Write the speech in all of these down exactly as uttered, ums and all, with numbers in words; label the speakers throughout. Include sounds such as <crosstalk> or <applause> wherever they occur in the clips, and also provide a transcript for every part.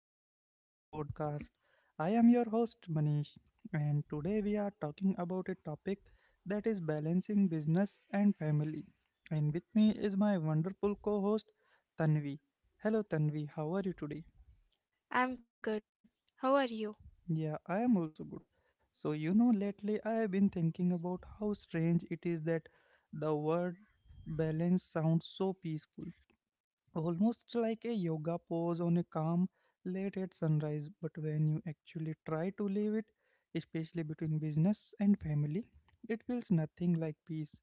Speaker 1: welcome to the podcast. I am your host, Manish, and today we are talking about a topic that is balancing business and family. And with me is my wonderful co host, Tanvi. Hello, Tanvi, how are you today?
Speaker 2: I'm good. How are you?
Speaker 1: Yeah, I am also good. So, you know, lately I have been thinking about how strange it is that the word balance sounds so peaceful, almost like a yoga pose on a calm late at sunrise. But when you actually try to leave it, especially between business and family, it feels nothing like peace.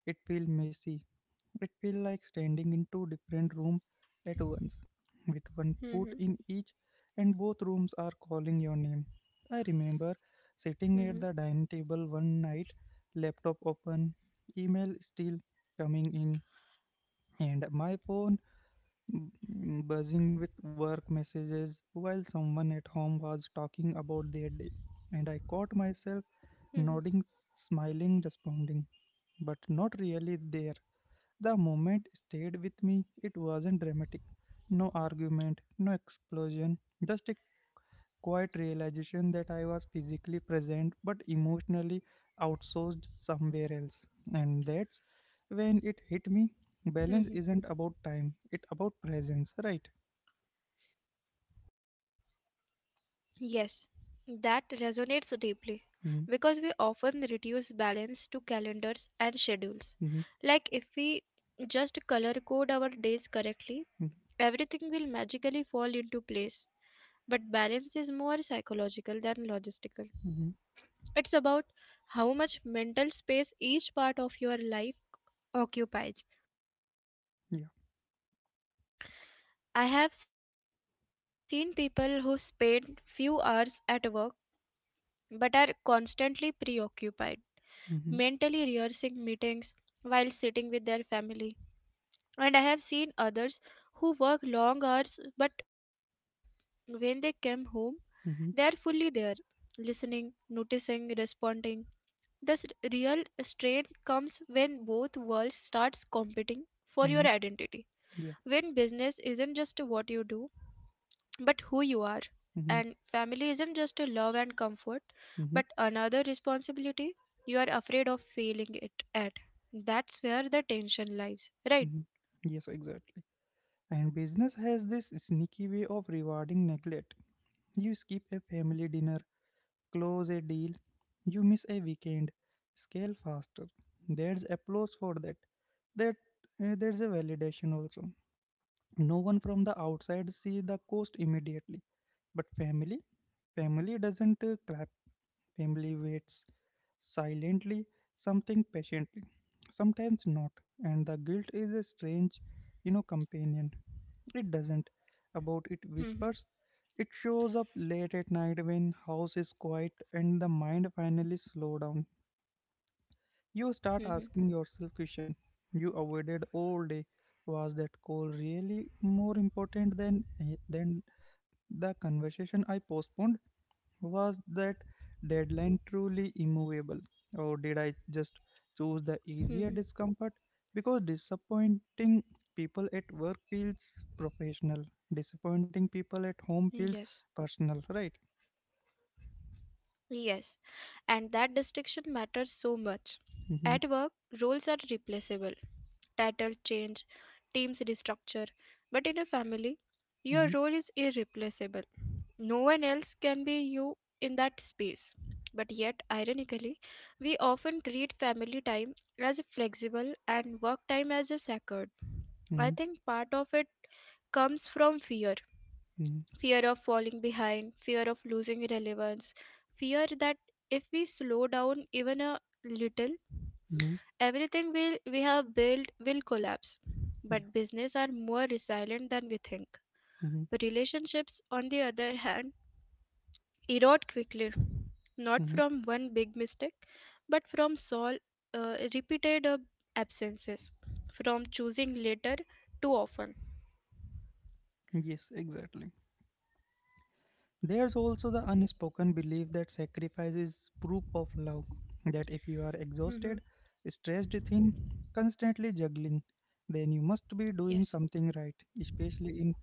Speaker 1: It feels messy. It feels like standing in two different rooms at once, with one
Speaker 2: Hmm.
Speaker 1: foot in each, and both rooms are calling your name. I remember sitting
Speaker 2: Hmm.
Speaker 1: at the dining table one night, laptop open, email still coming in, and my phone mm, buzzing with work messages while someone at home was talking about their day, and I caught myself
Speaker 2: Hmm.
Speaker 1: nodding, smiling, responding, but not really there. The moment stayed with me. It wasn't dramatic, no argument, no explosion, just a quiet realization that I was physically present but emotionally outsourced somewhere else, and that's when it
Speaker 2: Hmm.
Speaker 1: hit me. Balance isn't about time, it's about presence, right?
Speaker 2: Yes, that resonates deeply because we often
Speaker 1: Mhm.
Speaker 2: reduce balance to calendars and schedules. Like if we
Speaker 1: Mhm.
Speaker 2: just color code our days correctly, everything
Speaker 1: Mhm.
Speaker 2: will magically fall into place. But balance is more psychological than logistical.
Speaker 1: Mhm.
Speaker 2: It's about how much mental space each part of your life occupies.
Speaker 1: Yeah.
Speaker 2: I have seen people who spend few hours at work but are constantly preoccupied, mentally
Speaker 1: Mhm.
Speaker 2: rehearsing meetings while sitting with their family. And I have seen others who work long hours but when they come home, they are fully there,
Speaker 1: Mhm.
Speaker 2: listening, noticing, responding. Thus, real strain comes when both worlds starts competing for your
Speaker 1: Mhm.
Speaker 2: identity. When
Speaker 1: Yeah.
Speaker 2: business isn't just what you do, but who you are. And
Speaker 1: Mhm.
Speaker 2: family isn't just a love and comfort, but
Speaker 1: Mhm.
Speaker 2: another responsibility you are afraid of failing it at. That's where the tension lies, right?
Speaker 1: Mhm. Yes, exactly. And business has this sneaky way of rewarding neglect. You skip a family dinner, close a deal, you miss a weekend, scale faster. There's applause for that. That uh, there's a validation also. No one from the outside see the cost immediately. But family, family doesn't uh, clap. Family waits silently, something patiently, sometimes not. And the guilt is a strange, you know, companion. It doesn't about
Speaker 2: Hmm.
Speaker 1: it whispers. It shows up late at night when house is quiet and the mind finally slow down. You start
Speaker 2: Hmm.
Speaker 1: asking yourself question you avoided all day. Was that call really more important than eh, than the conversation I postponed? Was that deadline truly immovable, or did I just choose the
Speaker 2: Hmm.
Speaker 1: easier discomfort? Because disappointing people at work feels professional, disappointing people at home feels
Speaker 2: Yes,
Speaker 1: personal, right?
Speaker 2: yes. And that distinction matters so much.
Speaker 1: Mm-hmm.
Speaker 2: At work, roles are replaceable, title change, teams restructure, but in a family, your
Speaker 1: Mm-hmm.
Speaker 2: role is irreplaceable. No one else can be you in that space. But yet, ironically, we often treat family time as flexible and work time as a sacred. I think part of it comes from fear,
Speaker 1: Mm-hmm.
Speaker 2: fear of falling behind, fear of losing relevance, fear that if we slow down even a little,
Speaker 1: Mm-hmm.
Speaker 2: everything we'll, we have built will collapse.
Speaker 1: Mm-hmm.
Speaker 2: But
Speaker 1: Yeah.
Speaker 2: business are more resilient than we think.
Speaker 1: Mm-hmm.
Speaker 2: Relationships, on the other hand, erode quickly, not
Speaker 1: Mm-hmm.
Speaker 2: from one big mistake, but from sol- uh, repeated uh, absences, from choosing later too often.
Speaker 1: Yes, exactly. There's also the unspoken belief that sacrifice is proof of love, that if you are exhausted,
Speaker 2: Hmm.
Speaker 1: stressed thin, constantly juggling, then you must be doing
Speaker 2: Yes.
Speaker 1: something right, especially in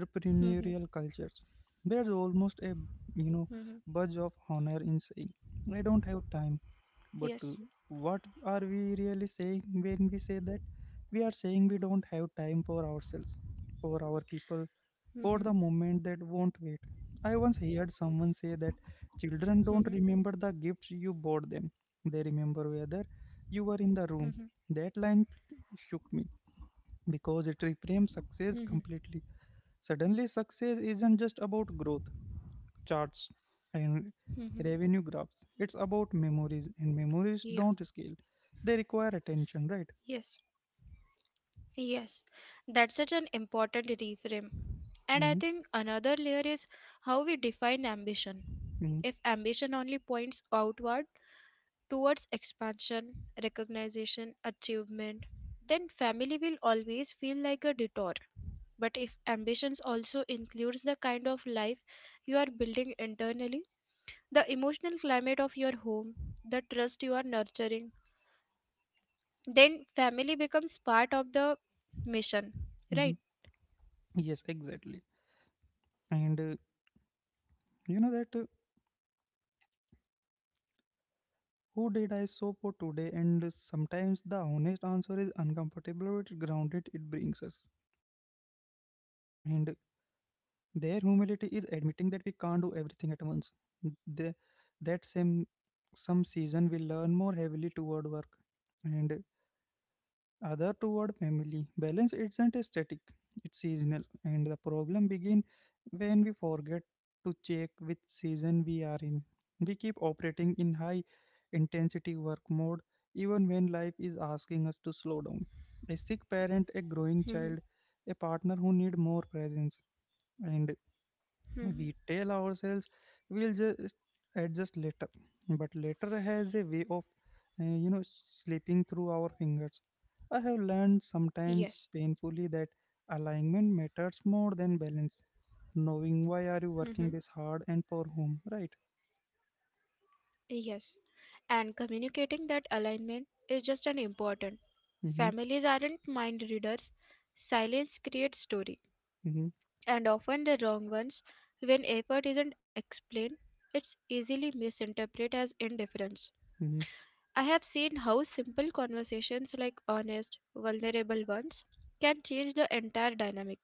Speaker 2: Mhm.
Speaker 1: cultures. There's almost a you know budge of honor in saying, "I don't have time," but
Speaker 2: Yes.
Speaker 1: uh, what are we really saying when we say that? We are saying we don't have time for ourselves, for our people, or the moment that won't wait. I once heard someone say that children don't remember the gifts you bought them, they remember whether you were in the room. That line shook me because it reframes
Speaker 2: Hmm.
Speaker 1: success completely. Suddenly, success isn't just about growth charts and
Speaker 2: Hmm.
Speaker 1: revenue graphs, it's about memories, and
Speaker 2: Yeah.
Speaker 1: memories don't scale, they require attention, right?
Speaker 2: Yes. Yes, that's such an important reframe. And I
Speaker 1: Mm-hmm.
Speaker 2: think another layer is how we define ambition.
Speaker 1: Mm-hmm.
Speaker 2: If ambition only points outward, towards expansion, recognition, achievement, then family will always feel like a detour. But if ambitions also includes the kind of life you are building internally, the emotional climate of your home, the trust you are nurturing, then family becomes part of the mission,
Speaker 1: Mm-hmm.
Speaker 2: right?
Speaker 1: Yes, exactly. And uh, you know that. Uh, Who did I so for today? And sometimes the honest answer is uncomfortable but grounded it brings us. And their humility is admitting that we can't do everything at once. They, that same some season we learn more heavily toward work. And other toward family. Balance isn't static, it's seasonal, and the problem begins when we forget to check which season we are in. We keep operating in high intensity work mode even when life is asking us to slow down. A sick parent, a growing
Speaker 2: Mhm.
Speaker 1: child, a partner who need more presence, and
Speaker 2: Mhm.
Speaker 1: we tell ourselves we'll just adjust later, but later has a way of uh, you know slipping through our fingers. I have learned
Speaker 2: Yes.
Speaker 1: sometimes painfully that alignment matters more than balance, knowing why are you working this hard and for whom, right?
Speaker 2: Yes, and communicating that alignment is just as important.
Speaker 1: Mm-hmm.
Speaker 2: Families aren't mind readers. Silence creates story,
Speaker 1: Mm-hmm.
Speaker 2: and often the wrong ones. When effort isn't explained, it's easily misinterpreted as indifference.
Speaker 1: Mm-hmm.
Speaker 2: I have seen how simple conversations like honest, vulnerable ones can change the entire dynamic.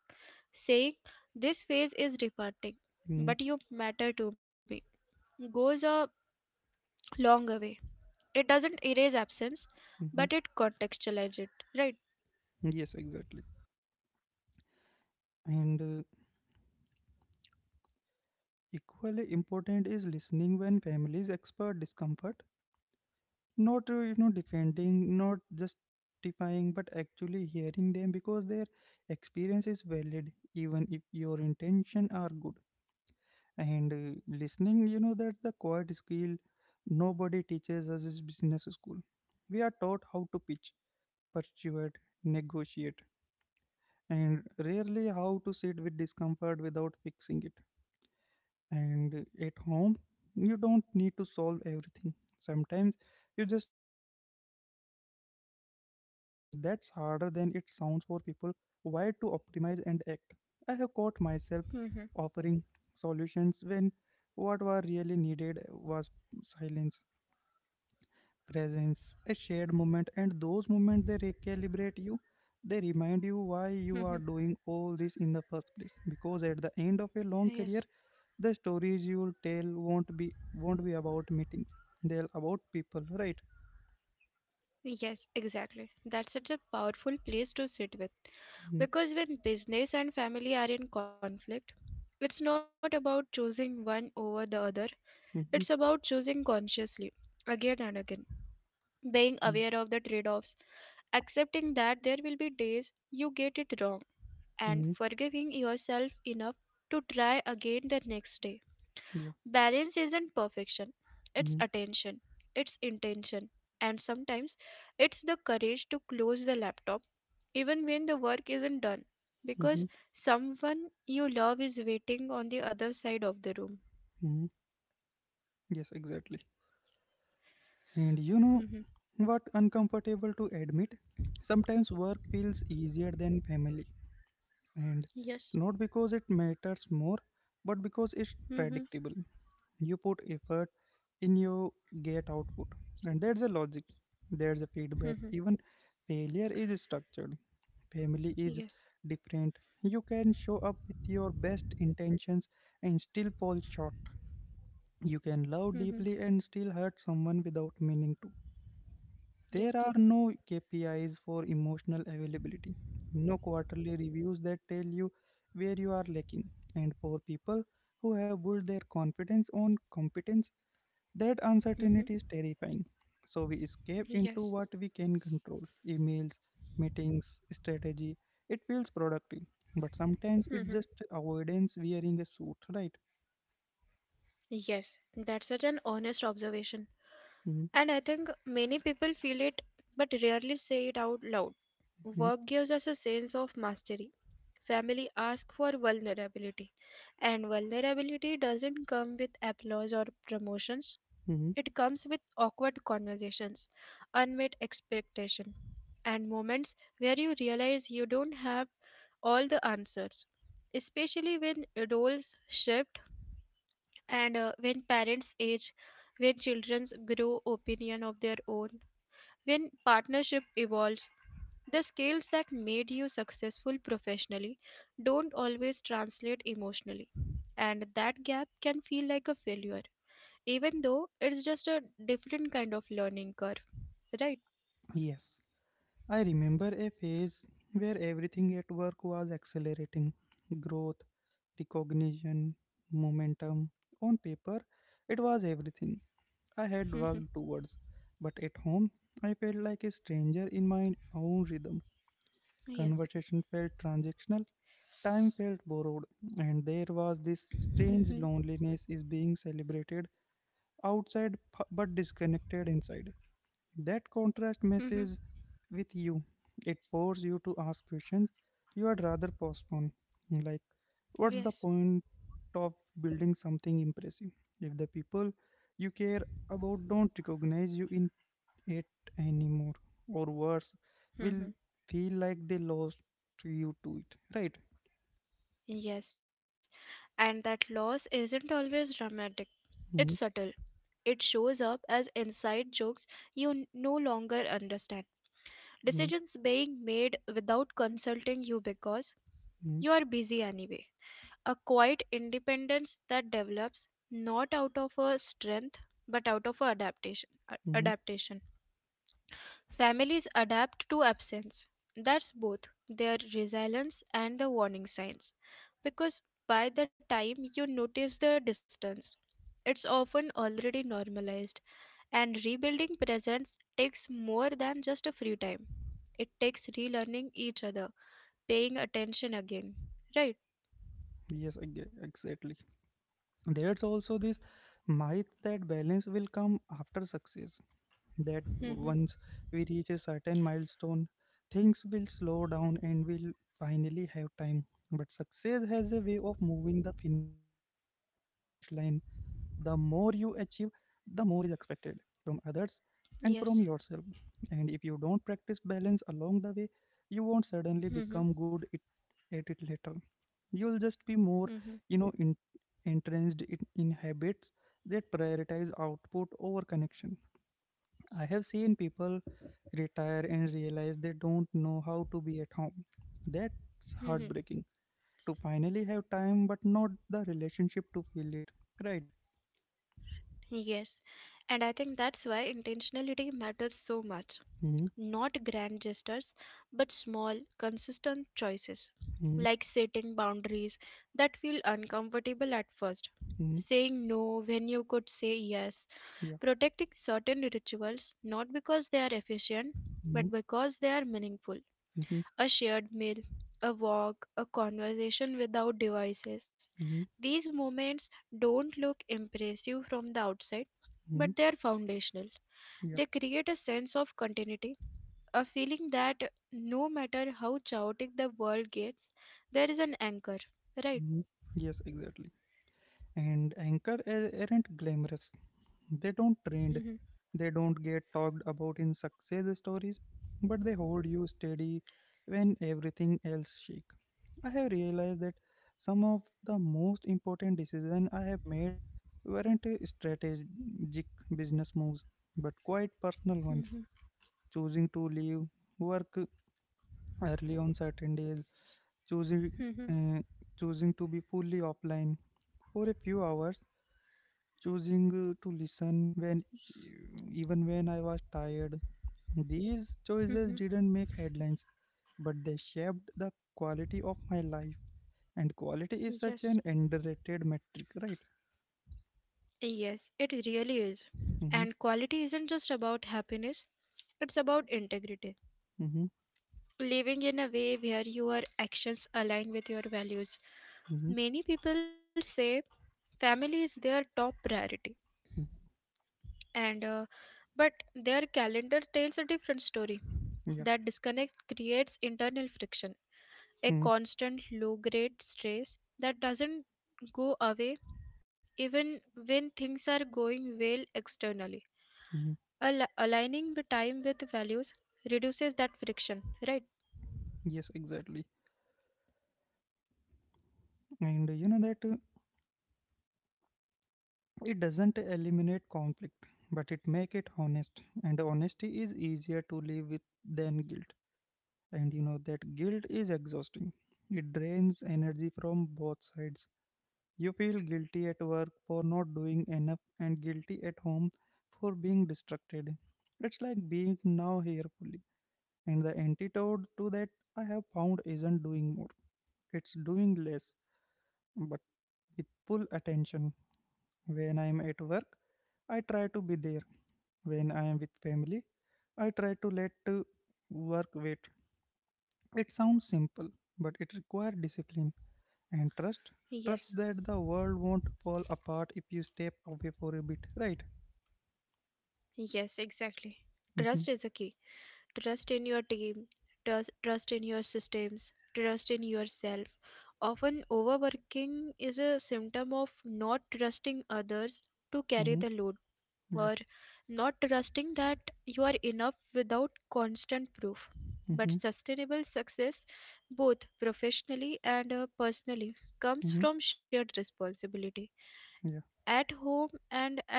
Speaker 2: Saying, this phase is disappointing,
Speaker 1: Mm-hmm.
Speaker 2: but you matter to me, goes a long away. It doesn't erase absence, but it
Speaker 1: Mm-hmm.
Speaker 2: contextualizes it, right?
Speaker 1: Yes, exactly. And uh, equally important is listening when families expert discomfort, not uh, you know defending, not justifying, but actually hearing them, because their experience is valid even if your intention are good. And uh, listening, you know that's the quiet skill nobody teaches us in business school. We are taught how to pitch, persuade, negotiate, and rarely how to sit with discomfort without fixing it. And at home, you don't need to solve everything. Sometimes you just need to be there. And that's harder than it sounds for people wired to optimize and act. I have caught myself
Speaker 2: Mm-hmm.
Speaker 1: offering solutions when what were really needed was silence, presence, a shared moment, and those moments they recalibrate you. They remind you why
Speaker 2: Mm-hmm.
Speaker 1: you are doing all this in the first place. Because at the end of a long
Speaker 2: Yes.
Speaker 1: career, the stories you'll tell won't be won't be about meetings, they'll about people, right?
Speaker 2: Yes, exactly. That's such a powerful place to sit with.
Speaker 1: Hmm.
Speaker 2: Because when business and family are in conflict, it's not about choosing one over the other, it's about
Speaker 1: Hmm.
Speaker 2: choosing consciously, again and again. Being aware of
Speaker 1: Yeah.
Speaker 2: the trade offs, accepting that there will be days you get it wrong, and
Speaker 1: Hmm.
Speaker 2: forgiving yourself enough to try again the next day.
Speaker 1: Yeah.
Speaker 2: Balance isn't perfection, it's
Speaker 1: Hmm.
Speaker 2: attention, it's intention, and sometimes it's the courage to close the laptop even when the work isn't done
Speaker 1: Hmm.
Speaker 2: because someone you love is waiting on the other side of the room.
Speaker 1: Hmm. Yes, exactly. And you know
Speaker 2: Mhm.
Speaker 1: what uncomfortable to admit, sometimes work feels easier than family, and
Speaker 2: Yes.
Speaker 1: not because it matters more but because it's
Speaker 2: Mhm.
Speaker 1: predictable. You put effort in, your get output, and there's a logic, there's a feedback,
Speaker 2: Mhm.
Speaker 1: even failure is structured. Family is
Speaker 2: Yes.
Speaker 1: different. You can show up with your best intentions and still fall short. You can love
Speaker 2: Mhm.
Speaker 1: deeply and still hurt someone without meaning to. There are
Speaker 2: Yes.
Speaker 1: no K P Is for emotional availability, no quarterly reviews that tell you where you are lacking. And for people who have built their confidence on competence, that uncertainty
Speaker 2: Mhm.
Speaker 1: is terrifying. So we escape into what
Speaker 2: Yes.
Speaker 1: we can control: emails, meetings, strategy. It feels productive, but sometimes it just
Speaker 2: Mhm.
Speaker 1: avoidance wearing a suit, right?
Speaker 2: Yes. That's such an honest observation. And I think many people feel it but rarely say it out loud.
Speaker 1: Mm-hmm.
Speaker 2: Work gives us a sense of mastery. Family asks for vulnerability. And vulnerability doesn't come with applause or promotions.
Speaker 1: Hmm.
Speaker 2: It comes with awkward conversations, unmet expectation, and moments where you realize you don't have all the answers. Especially when roles shift and uh, when parents age, when children grow opinion of their own, when partnership evolves, the skills that made you successful professionally don't always translate emotionally, and that gap can feel like a failure, even though it's just a different kind of learning curve, right?
Speaker 1: Yes. I remember a phase where everything at work was accelerating: growth, recognition, momentum. On paper, it was everything I had
Speaker 2: Mhm.
Speaker 1: worked towards, but at home, I felt like a stranger in my own rhythm.
Speaker 2: Yes.
Speaker 1: Conversation felt transactional, time felt borrowed, and there was this
Speaker 2: Mhm.
Speaker 1: strange loneliness is being celebrated outside p- but disconnected inside. That
Speaker 2: Mhm.
Speaker 1: contrast messes with you. It forces you to ask questions you had rather postpone. Like, what's
Speaker 2: Yes.
Speaker 1: the point of building something impressive if the people you care about don't recognize you in it anymore, or worse, will
Speaker 2: Mhm.
Speaker 1: feel like they lost you to it, right?
Speaker 2: Yes. And that loss isn't always dramatic, it's subtle.
Speaker 1: Hmm.
Speaker 2: It shows up as inside jokes you n- no longer understand.
Speaker 1: Hmm.
Speaker 2: Decisions being made without consulting you because
Speaker 1: Hmm.
Speaker 2: you are busy anyway. A quiet independence that develops not out of a strength but out of a adaptation. a-
Speaker 1: Hmm.
Speaker 2: Adaptation. Families adapt to absence. That's both their resilience and the warning signs. Because by the time you notice the distance, it's often already normalized and rebuilding presence takes more than just a free time. It takes relearning each other, paying attention again. Right?
Speaker 1: Yes, eg- exactly. There's also this myth that balance will come after success, that
Speaker 2: Mm-hmm.
Speaker 1: once we reach a certain milestone, things will slow down and we'll finally have time. But success has a way of moving the finish line. The more you achieve, the more is expected from others and from yourself.
Speaker 2: Yes.
Speaker 1: And if you don't practice balance along the way, you won't suddenly
Speaker 2: Mm-hmm.
Speaker 1: become good it, at it later. You'll just be more,
Speaker 2: Mm-hmm.
Speaker 1: you know, in, entrenched in, in habits that prioritize output over connection. I have seen people retire and realize they don't know how to be at home. That's
Speaker 2: Mm-hmm.
Speaker 1: heartbreaking, to finally have time but not the relationship to feel it, right?
Speaker 2: Yes. And I think that's why intentionality matters so much.
Speaker 1: Mm-hmm.
Speaker 2: Not grand gestures, but small, consistent choices.
Speaker 1: Mm-hmm.
Speaker 2: Like setting boundaries that feel uncomfortable at first,
Speaker 1: Mm-hmm.
Speaker 2: saying no when you could say yes,
Speaker 1: Yeah.
Speaker 2: protecting certain rituals not because they are efficient
Speaker 1: Mm-hmm.
Speaker 2: but because they are meaningful.
Speaker 1: Mm-hmm.
Speaker 2: A shared meal, a walk, a conversation without devices.
Speaker 1: Mm-hmm.
Speaker 2: These moments don't look impressive from the outside, but they are
Speaker 1: Mm-hmm.
Speaker 2: foundational. They
Speaker 1: Yeah.
Speaker 2: create a sense of continuity, a feeling that no matter how chaotic the world gets, there is an anchor. Right?
Speaker 1: Mm-hmm. Yes, exactly. And anchor a- aren't glamorous. They don't trend.
Speaker 2: Mhm.
Speaker 1: They don't get talked about in success stories, but they hold you steady when everything else shakes. I have realized that some of the most important decisions I have made weren't uh, strategic business moves, but quite personal ones.
Speaker 2: Mhm.
Speaker 1: Choosing to leave work early on certain days, choosing
Speaker 2: Mhm.
Speaker 1: uh, choosing to be fully offline for a few hours, choosing uh, to listen when even when I was tired. These
Speaker 2: Mhm.
Speaker 1: choices didn't make headlines, but they shaped the quality of my life. And quality is such
Speaker 2: Yes.
Speaker 1: an underrated metric, right?
Speaker 2: Yes, it really is.
Speaker 1: Mm-hmm.
Speaker 2: And quality isn't just about happiness, it's about integrity.
Speaker 1: Mm-hmm.
Speaker 2: Living in a way where your actions align with your values.
Speaker 1: Mm-hmm.
Speaker 2: Many people say family is their top priority,
Speaker 1: Mm-hmm.
Speaker 2: and uh, but their calendar tells a different story.
Speaker 1: Yeah.
Speaker 2: That disconnect creates internal friction, a
Speaker 1: Mm-hmm.
Speaker 2: constant low grade stress that doesn't go away even when things are going well externally.
Speaker 1: Mm-hmm.
Speaker 2: Al- aligning the time with values reduces that friction, right?
Speaker 1: Yes, exactly. And uh, you know that. Uh, It doesn't eliminate conflict, but it make it honest, and honesty is easier to live with than guilt. And you know that guilt is exhausting. It drains energy from both sides. You feel guilty at work for not doing enough and guilty at home for being distracted. It's like being now here fully. And the antidote to that I have found isn't doing more. It's doing less, but with full attention. When I am at work, I try to be there. When I am with family, I try to let uh, work wait. It sounds simple, but it requires discipline and trust. Trust
Speaker 2: Yes,
Speaker 1: that the world won't fall apart if you step away for a bit, right?
Speaker 2: yes, exactly. Trust
Speaker 1: Mm-hmm.
Speaker 2: is a key. Trust in your team, trust, trust in your systems, trust in yourself. Often, overworking is a symptom of not trusting others to carry
Speaker 1: Mm-hmm.
Speaker 2: the load, or
Speaker 1: Yeah.
Speaker 2: not trusting that you are enough without constant proof. But
Speaker 1: Mm-hmm.
Speaker 2: sustainable success, both professionally and uh, personally, comes
Speaker 1: Mm-hmm.
Speaker 2: from shared responsibility.
Speaker 1: Yeah.
Speaker 2: At home and at work,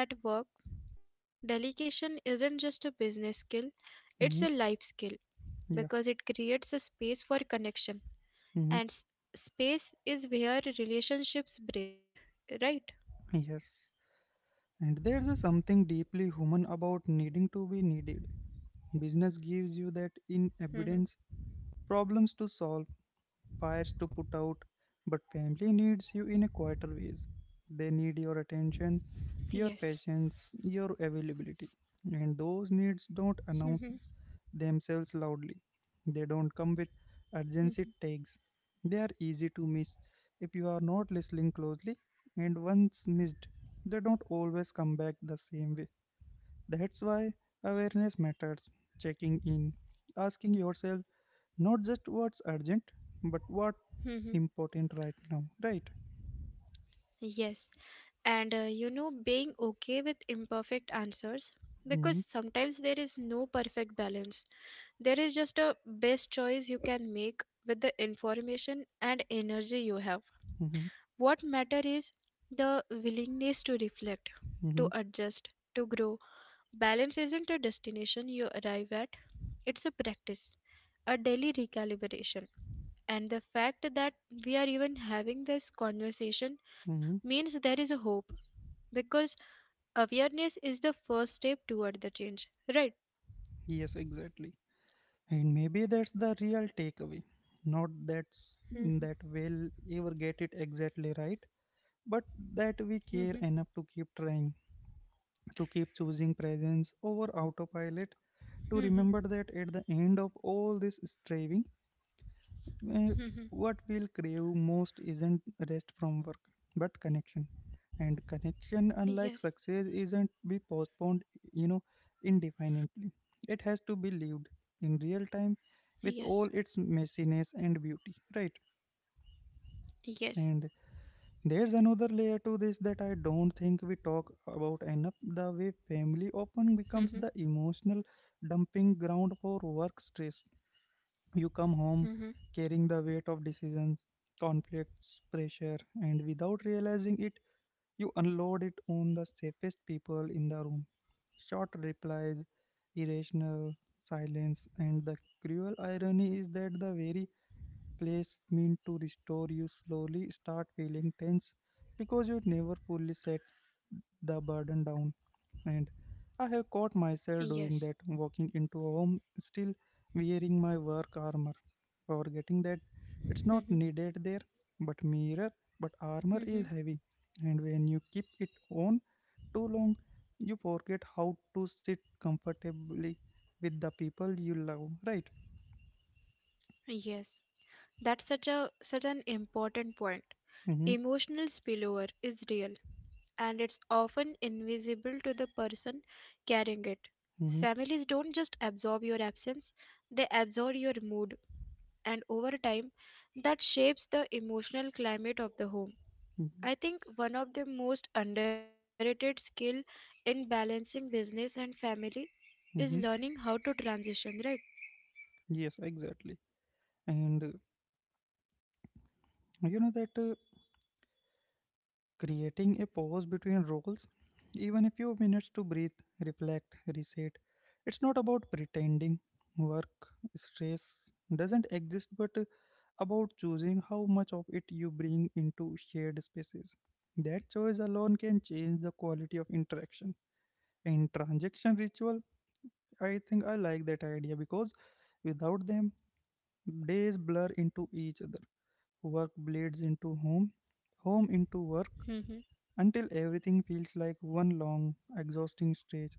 Speaker 2: delegation isn't just a business skill, it's a life skill
Speaker 1: Mm-hmm.
Speaker 2: because it
Speaker 1: Yeah.
Speaker 2: creates a space for connection. And s-
Speaker 1: Mm-hmm.
Speaker 2: space is where relationships breathe, right?
Speaker 1: Yes. And there's a something deeply human about needing to be needed. Business gives you
Speaker 2: Hmm.
Speaker 1: that in abundance, problems to solve, fires to put out, but family needs you in a quieter ways. They need your attention,
Speaker 2: Yes.
Speaker 1: your patience, your availability. And those needs
Speaker 2: Hmm.
Speaker 1: don't announce themselves loudly. They don't come with urgency tags. They are easy to miss if you are not listening closely, and once missed, they don't always come back the same way. That's why awareness matters. Checking in, asking yourself not just what's urgent but what's
Speaker 2: Hmm.
Speaker 1: important right now, right?
Speaker 2: Yes. and uh, you know being okay with imperfect answers, because
Speaker 1: Mm-hmm.
Speaker 2: sometimes there is no perfect balance, there is just a best choice you can make with the information and energy you have.
Speaker 1: Mm-hmm.
Speaker 2: What matter is the willingness to reflect, to
Speaker 1: Mm-hmm.
Speaker 2: adjust, to grow. Balance isn't a destination you arrive at, it's a practice, a daily recalibration. And the fact that we are even having this conversation
Speaker 1: Mm-hmm.
Speaker 2: means there is a hope, because awareness is the first step toward the change, right?
Speaker 1: Yes, exactly. And maybe that's the real takeaway, not that's that
Speaker 2: Mhm.
Speaker 1: we'll ever get it exactly right, but that we
Speaker 2: Mhm.
Speaker 1: care enough to keep trying, to keep choosing presence over autopilot,
Speaker 2: Mhm.
Speaker 1: to remember that at the end of all this striving, Uh,
Speaker 2: Mhm.
Speaker 1: what we'll crave most isn't rest from work, but connection. And connection, unlike
Speaker 2: Yes.
Speaker 1: success, isn't be postponed, you know, indefinitely. It has to be lived in real time with
Speaker 2: Yes.
Speaker 1: all its messiness and beauty, right?
Speaker 2: Yes.
Speaker 1: And there's another layer to this that I don't think we talk about enough, the way family often
Speaker 2: Mhm.
Speaker 1: becomes the emotional dumping ground for work stress. You come home
Speaker 2: Mhm.
Speaker 1: carrying the weight of decisions, conflicts, pressure, and without realizing it, you unload it on the safest people in the room. Short replies, irrational silence, and the cruel irony is that the very place meant to restore you slowly start feeling tense because you never fully set the burden down. And I have caught
Speaker 2: Yes.
Speaker 1: myself doing that, walking into a home still wearing my work armor, forgetting that
Speaker 2: Mhm.
Speaker 1: it's not needed there. but mirror but
Speaker 2: Mhm.
Speaker 1: armor is heavy, and when you keep it on too long, you forget how to sit comfortably with the people you love, right?
Speaker 2: Yes, that's such a such an important point.
Speaker 1: Mm-hmm,
Speaker 2: Emotional spillover is real, and it's often invisible to the person carrying it.
Speaker 1: mm-hmm,
Speaker 2: Families don't just absorb your absence, they absorb your mood, and over time that shapes the emotional climate of the home.
Speaker 1: mm-hmm,
Speaker 2: I think one of the most underrated skill in balancing business and family is
Speaker 1: mm-hmm.
Speaker 2: learning how to transition, right?
Speaker 1: Yes, exactly. And uh, you know that uh, creating a pause between roles, even a few minutes to breathe, reflect, reset, it's not about pretending work stress doesn't exist, but uh, about choosing how much of it you bring into shared spaces. That choice alone can change the quality of interaction. In transaction ritual, I think I like that idea because without them, days blur into each other. Work bleeds into home, home into work,
Speaker 2: Mm-hmm.
Speaker 1: until everything feels like one long, exhausting stage.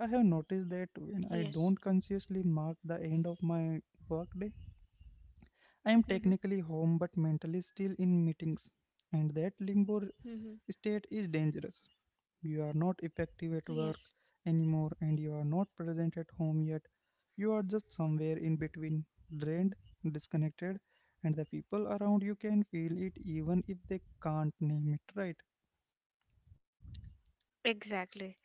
Speaker 1: I have noticed that when I don't
Speaker 2: Yes.
Speaker 1: consciously mark the end of my workday, I am technically
Speaker 2: Mm-hmm.
Speaker 1: home but mentally still in meetings, and that limbo state
Speaker 2: Mm-hmm.
Speaker 1: is dangerous. You are not effective at work
Speaker 2: Yes,
Speaker 1: anymore, and you are not present at home yet. You are just somewhere in between, drained, disconnected, and the people around you can feel it even if they can't name it, right?
Speaker 2: exactly.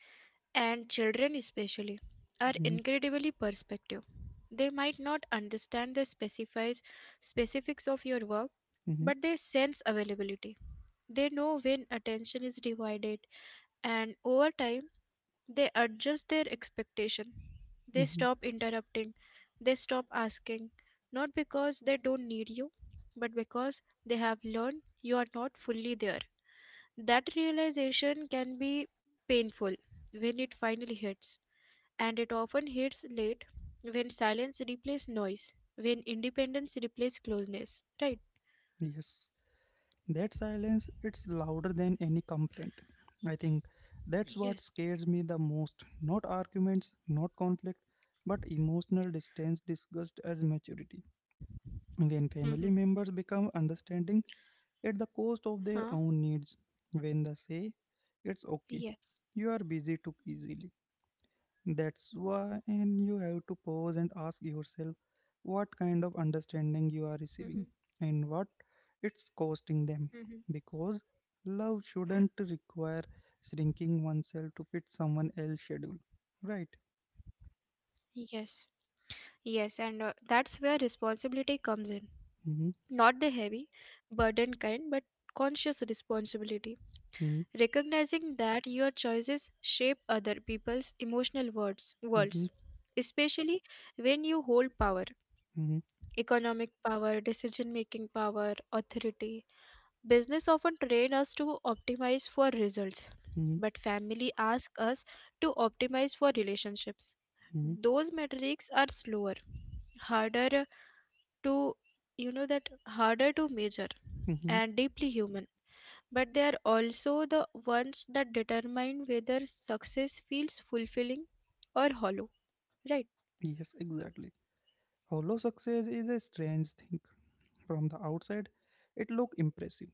Speaker 2: And children especially are
Speaker 1: Hmm,
Speaker 2: incredibly perspective. They might not understand the specifies specifics of your work,
Speaker 1: hmm,
Speaker 2: but they sense availability. They know when attention is divided, and over time they adjust their expectation. They
Speaker 1: hmm.
Speaker 2: stop interrupting, they stop asking, not because they don't need you, but because they have learned you are not fully there. That realization can be painful when it finally hits, and it often hits late, when silence replaces noise, when independence replaces closeness, right?
Speaker 1: Yes. That silence, it's louder than any complaint. I think that's what
Speaker 2: Yes.
Speaker 1: scares me the most. Not arguments, not conflict, but emotional distance discussed as maturity. When family
Speaker 2: Mm-hmm.
Speaker 1: members become understanding at the cost of their own
Speaker 2: Huh?
Speaker 1: needs, when they say, "It's
Speaker 2: Yes.
Speaker 1: okay, you are busy" too easily. That's why, and you have to pause and ask yourself what kind of
Speaker 2: Mm-hmm.
Speaker 1: understanding you are receiving and what it's costing
Speaker 2: Mm-hmm.
Speaker 1: them. Because love shouldn't require shrinking oneself to fit someone else's schedule, right?
Speaker 2: Yes. Yes, and uh, that's where responsibility comes in.
Speaker 1: Mm-hmm,
Speaker 2: Not the heavy, burden kind, but conscious responsibility.
Speaker 1: mm-hmm,
Speaker 2: Recognizing that your choices shape other people's emotional words, worlds,
Speaker 1: mm-hmm,
Speaker 2: especially when you hold power,
Speaker 1: mm-hmm,
Speaker 2: economic power, decision making power, authority. Business often train us to optimize for results,
Speaker 1: mm-hmm,
Speaker 2: but family asks us to optimize for relationships.
Speaker 1: mm-hmm,
Speaker 2: Those metrics are slower, harder to you know that harder to measure
Speaker 1: mm-hmm.
Speaker 2: and deeply human, but they are also the ones that determine whether success feels fulfilling or hollow, right?
Speaker 1: Yes, exactly. Hollow success is a strange thing. From the outside, it looks impressive.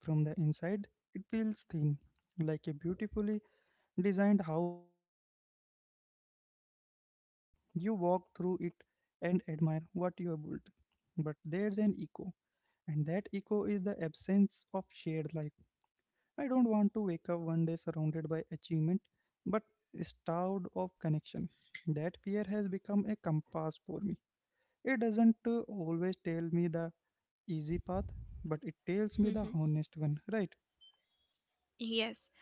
Speaker 1: From the inside, it feels thin, like a beautifully designed house with empty rooms. You walk through it and admire what you have built. But there's an echo, and that echo is the absence of shared life. I don't want to wake up one day surrounded by achievement, but starved of connection. That fear has become a compass for me. It doesn't uh, always tell me the easy path, but it tells me the
Speaker 2: Mhm.
Speaker 1: honest one, right?
Speaker 2: Yes,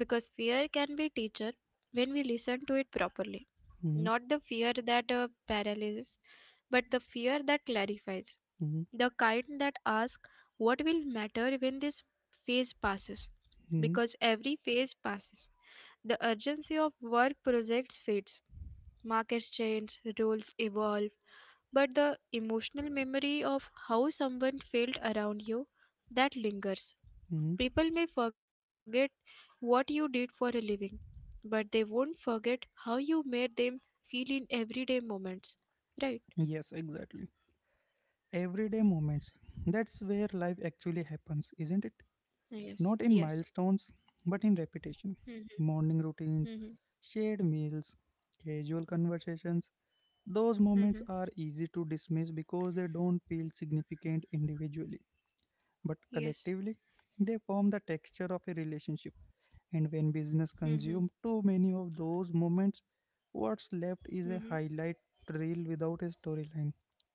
Speaker 2: because fear can be teacher when we listen to it properly.
Speaker 1: Hmm,
Speaker 2: Not the fear that uh, paralyzes, but the fear that clarifies.
Speaker 1: hmm,
Speaker 2: The kind that asks what will matter when this phase passes.
Speaker 1: hmm,
Speaker 2: Because every phase passes. The urgency of work projects fades. Markets change, rules evolve, but the emotional memory of how someone felt around you, that lingers.
Speaker 1: hmm.
Speaker 2: People may forget what you did for a living, but they won't forget how you made them feel in everyday moments. Right?
Speaker 1: Yes, exactly. Everyday moments. That's where life actually happens, isn't it?
Speaker 2: Yes.
Speaker 1: Not in
Speaker 2: Yes.
Speaker 1: milestones, but in repetition. Morning routines,
Speaker 2: Mhm.
Speaker 1: shared meals, casual conversations. Those moments
Speaker 2: Mhm.
Speaker 1: are easy to dismiss because they don't feel significant individually, but
Speaker 2: Yes.
Speaker 1: collectively, they form the texture of a relationship. And when business
Speaker 2: Mhm.
Speaker 1: consume too many of those moments, what's left is
Speaker 2: Mhm.
Speaker 1: a highlight reel without a storyline.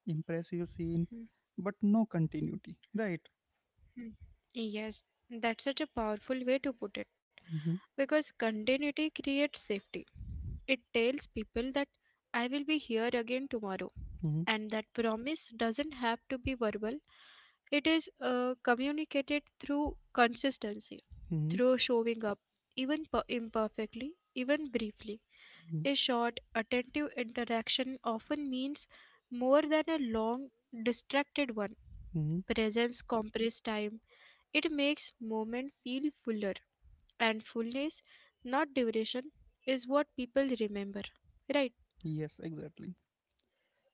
Speaker 1: Impressive scene,
Speaker 2: Mhm.
Speaker 1: but no continuity, right?
Speaker 2: Yes, that's such a powerful way to put it,
Speaker 1: Hmm,
Speaker 2: because continuity creates safety. It tells people that I will be here again tomorrow,
Speaker 1: hmm,
Speaker 2: and that promise doesn't have to be verbal, it is uh, communicated through consistency,
Speaker 1: hmm,
Speaker 2: through showing up, even per- imperfectly, even briefly.
Speaker 1: hmm,
Speaker 2: A short attentive interaction often means more than a long distracted one.
Speaker 1: hmm.
Speaker 2: Presence compresses time, it makes moment feel fuller, and fullness, not duration, is what people remember, right?
Speaker 1: Yes, exactly.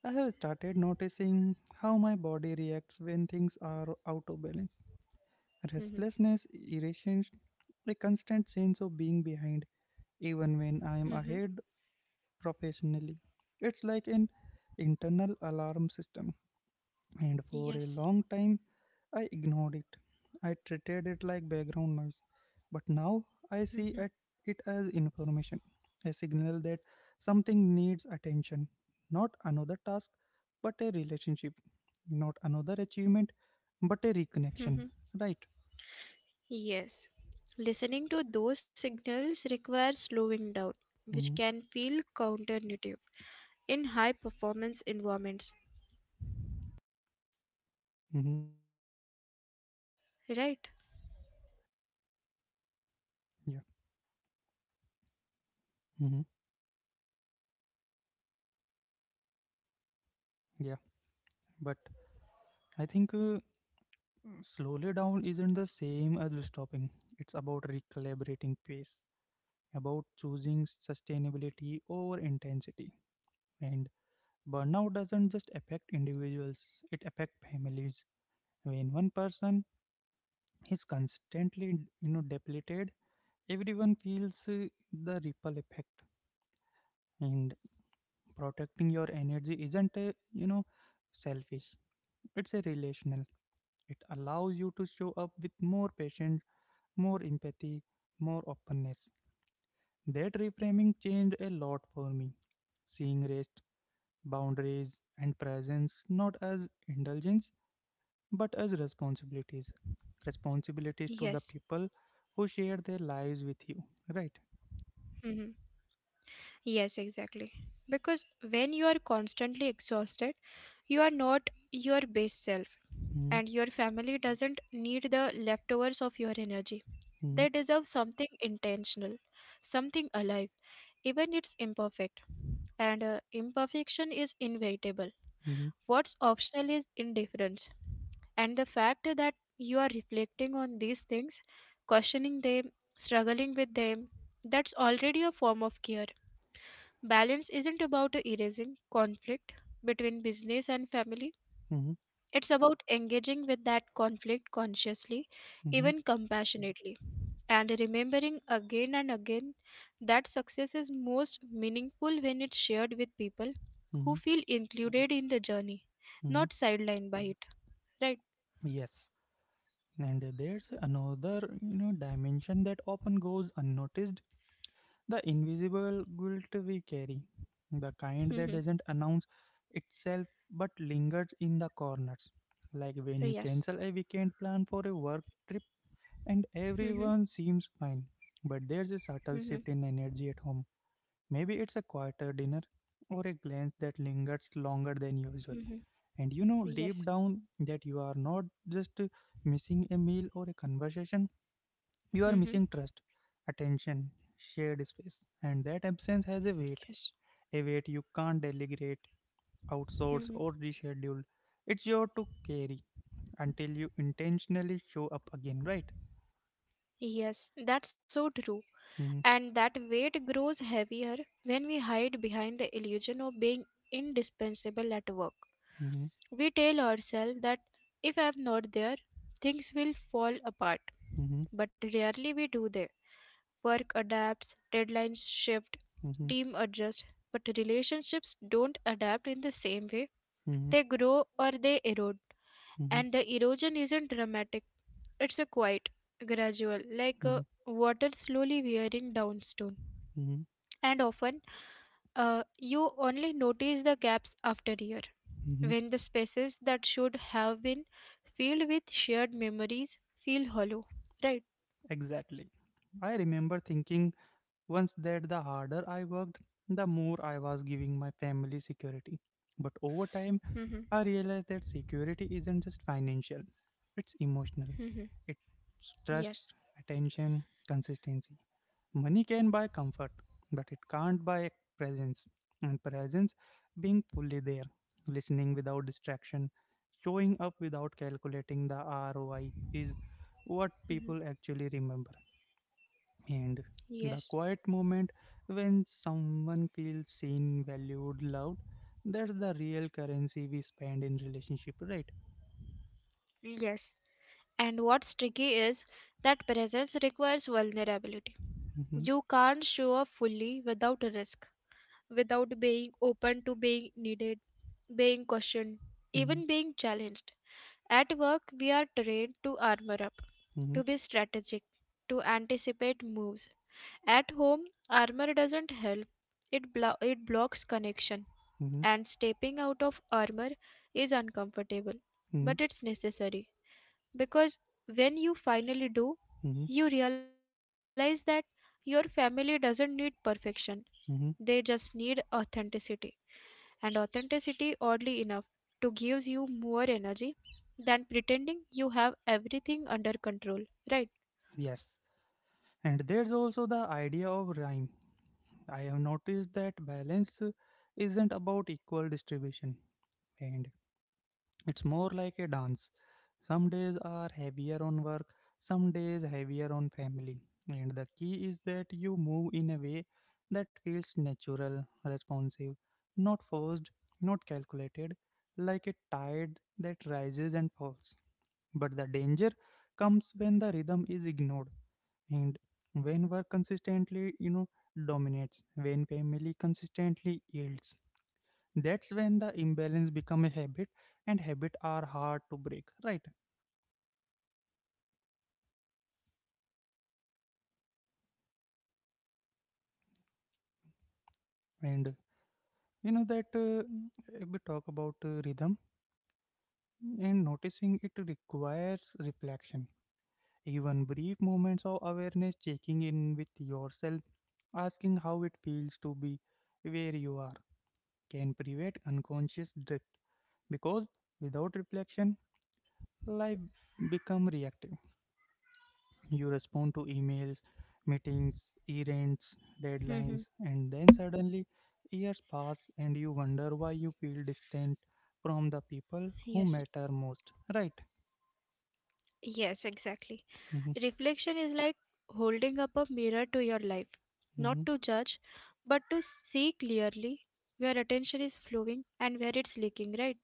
Speaker 1: I have started noticing how my body reacts when things are out of balance.
Speaker 2: Mm-hmm.
Speaker 1: Restlessness, irritation, a constant sense of being behind, even when I am
Speaker 2: Mm-hmm.
Speaker 1: ahead professionally. It's like an internal alarm system, and for a long
Speaker 2: Yes.
Speaker 1: time I ignored it. I treated it like background noise. But now I see at
Speaker 2: Mm-hmm.
Speaker 1: it as information, a signal that something needs attention, not another task, but a relationship, not another achievement, but a reconnection.
Speaker 2: Mm-hmm.
Speaker 1: Right?
Speaker 2: Yes, listening to those signals requires slowing down,
Speaker 1: Mm-hmm,
Speaker 2: which can feel counterintuitive in high performance environments,
Speaker 1: mm-hmm.
Speaker 2: right?
Speaker 1: Yeah. Mm-hmm. Yeah. But I think uh, slowly down isn't the same as stopping. It's about recalibrating pace, about choosing sustainability over intensity. And burnout doesn't just affect individuals, it affects families. When one person is constantly, you know, depleted, everyone feels uh, the ripple effect. And protecting your energy isn't, uh, you know, selfish. It's a relational. It allows you to show up with more patience, more empathy, more openness. That reframing changed a lot for me. Seeing rest, boundaries, and presence not as indulgence but as responsibilities. Responsibilities to the
Speaker 2: Yes.
Speaker 1: people who share their lives with you, right?
Speaker 2: Hmm. Yes, exactly. Because when you are constantly exhausted, you are not your base self,
Speaker 1: Hmm,
Speaker 2: and your family doesn't need the leftovers of your energy.
Speaker 1: hmm,
Speaker 2: They deserve something intentional, something alive, even it's imperfect. And uh, Imperfection is inevitable.
Speaker 1: hmm,
Speaker 2: What's optional is indifference. And the fact that you are reflecting on these things, questioning them, struggling with them, that's already a form of care. Balance isn't about erasing conflict between business and family,
Speaker 1: hmm,
Speaker 2: it's about engaging with that conflict consciously,
Speaker 1: hmm,
Speaker 2: even compassionately, and remembering again and again that success is most meaningful when it's shared with people who
Speaker 1: hmm,
Speaker 2: feel included in the journey,
Speaker 1: hmm.
Speaker 2: not sidelined by it. Right.
Speaker 1: Yes, and there's another you know dimension that often goes unnoticed. The invisible guilt we carry, the kind that
Speaker 2: Mm-hmm.
Speaker 1: doesn't announce itself but lingers in the corners. Like when you
Speaker 2: Yes.
Speaker 1: cancel a weekend plan for a work trip and
Speaker 2: Mm-hmm.
Speaker 1: everyone seems fine, but there's a subtle
Speaker 2: Mm-hmm.
Speaker 1: shift in energy at home. Maybe it's a quieter dinner or a glance that lingers longer than usual.
Speaker 2: Mm-hmm.
Speaker 1: And you know deep
Speaker 2: Yes.
Speaker 1: down that you are not just missing a meal or a conversation, you are missing
Speaker 2: Mm-hmm.
Speaker 1: trust, attention, shared space, and that absence has a
Speaker 2: Yes.
Speaker 1: weight, a weight you can't delegate, outsource,
Speaker 2: Mm-hmm.
Speaker 1: or reschedule. It's your to carry until you intentionally show up again, right?
Speaker 2: Yes, that's so true.
Speaker 1: Mhm,
Speaker 2: And that weight grows heavier when we hide behind the illusion of being indispensable at work.
Speaker 1: mhm,
Speaker 2: We tell ourselves that if I'm not there, things will fall apart.
Speaker 1: mhm,
Speaker 2: But rarely we do that. Work adapts, deadlines shift,
Speaker 1: mhm,
Speaker 2: team adjusts, but relationships don't adapt in the same way.
Speaker 1: mhm,
Speaker 2: They grow or they erode.
Speaker 1: mhm,
Speaker 2: And the erosion isn't dramatic, it's a quite gradual, like uh,
Speaker 1: mhm,
Speaker 2: water slowly wearing down stone.
Speaker 1: mhm,
Speaker 2: And often, uh, you only notice the gaps after year,
Speaker 1: mhm.
Speaker 2: when the spaces that should have been filled with shared memories feel hollow. Right?
Speaker 1: Exactly. I remember thinking once that the harder I worked, the more I was giving my family security. But over time,
Speaker 2: Mhm.
Speaker 1: I realized that security isn't just financial, it's emotional.
Speaker 2: Mhm.
Speaker 1: It's trust,
Speaker 2: Yes.
Speaker 1: attention, consistency. Money can buy comfort, but it can't buy presence. And presence, being fully there, listening without distraction, showing up without calculating the R O I, is what
Speaker 2: Mhm.
Speaker 1: people actually remember, and the
Speaker 2: Yes.
Speaker 1: quiet moment when someone feels seen, valued, loved. That's the real currency we spend in relationship, right?
Speaker 2: Yes. And what's tricky is that presence requires vulnerability.
Speaker 1: Mm-hmm,
Speaker 2: You can't show up fully without risk, without being open to being needed, being questioned, even being challenged. At work, we are trained to armor up,
Speaker 1: mm-hmm,
Speaker 2: to be strategic, to anticipate moves. At home, armor doesn't help, it, blo- it blocks connection,
Speaker 1: mm-hmm, mm-hmm,
Speaker 2: and stepping out of armor is uncomfortable,
Speaker 1: mm-hmm,
Speaker 2: but it's necessary because when you finally do,
Speaker 1: mm-hmm,
Speaker 2: you realize that your family doesn't need perfection, they just
Speaker 1: mm-hmm.
Speaker 2: need authenticity. And authenticity, oddly enough, to gives you more energy than pretending you have everything under control, right?
Speaker 1: Yes, and there's also the idea of rhyme. I have noticed that balance uh, isn't about equal distribution, and it's more like a dance. Some days are heavier on work, some days heavier on family. And the key is that you move in a way that feels natural, responsive, not forced, not calculated, like a tide that rises and falls. But the danger comes when the rhythm is ignored, and when work consistently, you know, dominates, when family consistently yields, that's when the imbalance become a habit, and habit are hard to break, right? And you know that uh, if we talk about uh, rhythm and noticing it requires reflection, even brief moments of awareness, checking in with yourself, asking how it feels to be where you are, can prevent unconscious drift. Because without reflection, life become reactive. You respond to emails, meetings, errands, deadlines,
Speaker 2: Mhm.
Speaker 1: and then suddenly years pass and you wonder why you feel distant from the people who
Speaker 2: Yes.
Speaker 1: matter most, right?
Speaker 2: Yes, exactly.
Speaker 1: Hmm,
Speaker 2: Reflection is like holding up a mirror to your life,
Speaker 1: hmm.
Speaker 2: not to judge, but to see clearly where attention is flowing and where it's leaking, right?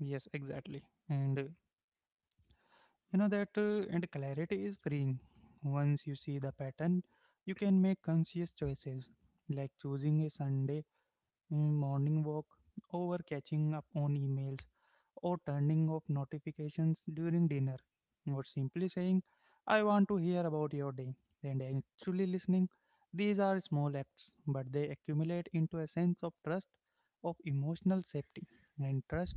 Speaker 1: Yes, exactly. And uh, you know that, uh, and clarity is freeing. Once you see the pattern, you can make conscious choices, like choosing a Sunday and morning walk over catching up on emails, or turning off notifications during dinner, or simply saying, "I want to hear about your day," and actually listening. These are small acts, but they accumulate into a sense of trust, of emotional safety, and trust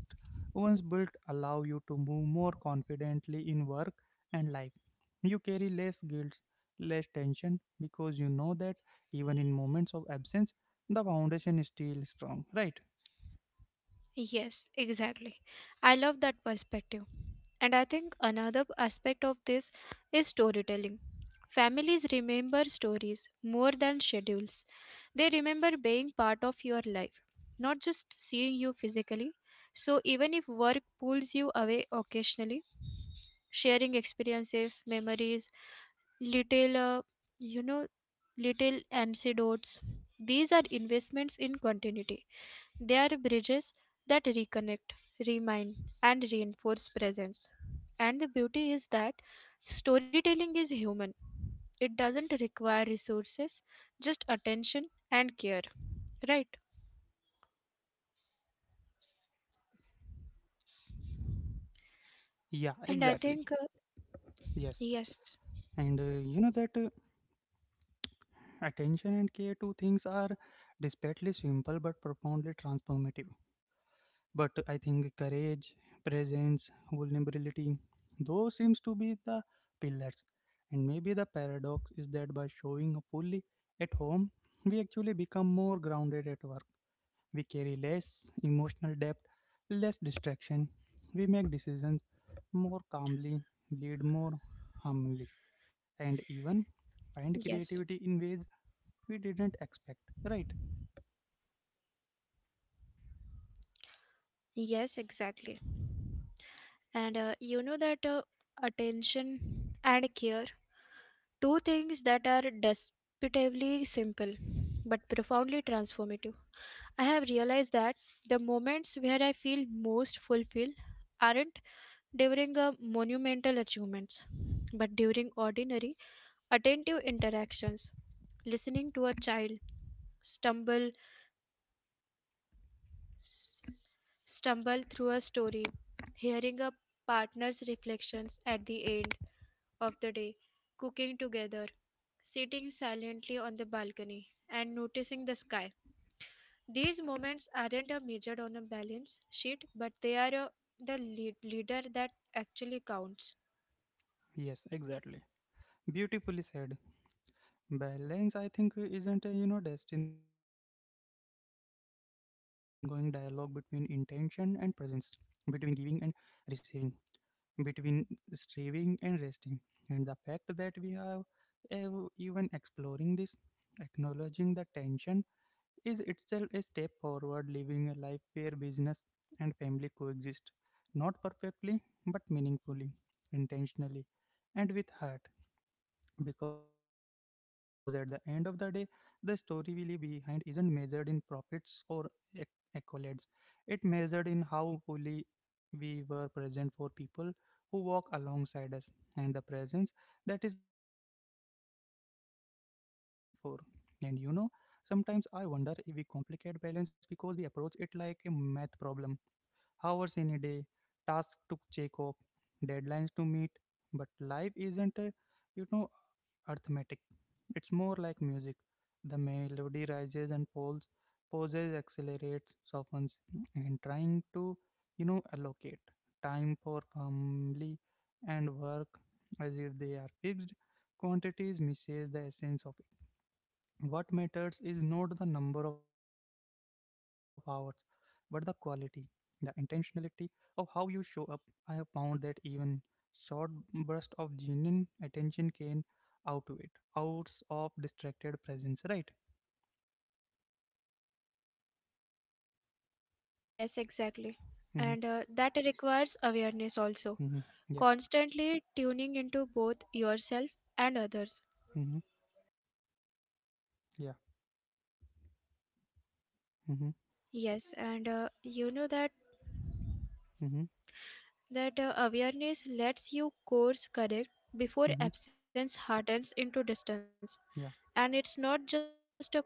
Speaker 1: once built allow you to move more confidently in work and life. You carry less guilt, less tension, because you know that even in moments of absence the foundation is still strong, right?
Speaker 2: Yes, exactly. I love that perspective. And I think another aspect of this is storytelling. Families remember stories more than schedules. They remember being part of your life, not just seeing you physically. So, even if work pulls you away occasionally, sharing experiences, memories, little, uh, you know, little anecdotes, these are investments in continuity. They are bridges that reconnect, remind, and reinforce presence. And the beauty is that storytelling is human. It doesn't require resources, just attention and care, right?
Speaker 1: Yeah,
Speaker 2: And I
Speaker 1: exactly.
Speaker 2: think, uh,
Speaker 1: Yes,
Speaker 2: yes,
Speaker 1: and uh, you know that uh, attention and care to things are desperately simple but profoundly transformative. But I think courage, presence, vulnerability, those seems to be the pillars. And maybe the paradox is that by showing up fully at home, we actually become more grounded at work. We carry less emotional depth, less distraction. We make decisions more calmly, lead more humbly, and even find
Speaker 2: yes,
Speaker 1: creativity in ways we didn't expect. Right?
Speaker 2: Yes, exactly. And uh, you know that uh, Attention and care, two things that are despicably simple but profoundly transformative. I have realized that the moments where I feel most fulfilled aren't during a monumental achievements, but during ordinary, attentive interactions, listening to a child stumble stumble through a story, hearing a partner's reflections at the end of the day, cooking together, sitting silently on the balcony, and noticing the sky. These moments aren't a measured on a balance sheet, but they are uh, the lead- leader that actually counts.
Speaker 1: Yes, exactly. Beautifully said. Balance, I think, isn't a you know destination. It's in the ongoing dialogue between intention and presence, between giving and receiving, between striving and resting. And the fact that we have ev- even exploring this, acknowledging the tension, is itself a step forward, living a life where business and family coexist, not perfectly, but meaningfully, intentionally, and with heart, because at the end of the day the story we leave behind isn't measured in profits or ac- accolades. It measured in how fully we were present for people who walk alongside us, and the presence that is legacy worth starving for. And you know, sometimes I wonder if we complicate balance because we approach it like a math problem. Hours in a day, tasks to check off, deadlines to meet. But life isn't, a, you know, arithmetic. It's more like music. The melody rises and falls, pauses, accelerates, softens, and trying to, you know, allocate time for family and work as if they are fixed quantities misses the essence of what matters is not the number of hours, but the quality, the intentionality of how you show up. I have found that even short bursts of genuine attention can outweigh hours of distracted presence, right?
Speaker 2: Yes, exactly.
Speaker 1: Mm-hmm,
Speaker 2: And uh, That requires awareness also.
Speaker 1: mm-hmm, yeah,
Speaker 2: Constantly tuning into both yourself and others.
Speaker 1: mm-hmm, yeah, mm-hmm,
Speaker 2: Yes, and uh, you know that
Speaker 1: mm-hmm,
Speaker 2: that uh, Awareness lets you course correct before
Speaker 1: mm-hmm,
Speaker 2: absence hardens into distance. And
Speaker 1: yeah,
Speaker 2: it's not just a cognitive act, right?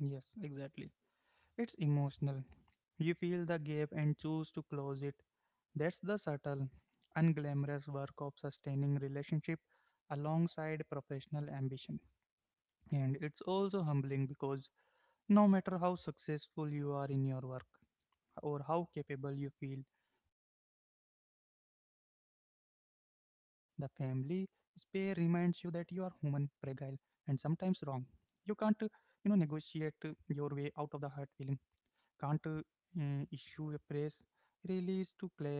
Speaker 1: yes, exactly. It's emotional. You feel the gap and choose to close it. That's the subtle, unglamorous work of sustaining relationship alongside professional ambition. And it's also humbling because no matter how successful you are in your work or how capable you feel, the family spare reminds you that you are human, fragile, and sometimes wrong. You can't, uh, you know, negotiate uh, your way out of the hurt feeling, can't uh, mm, issue a press release to cla-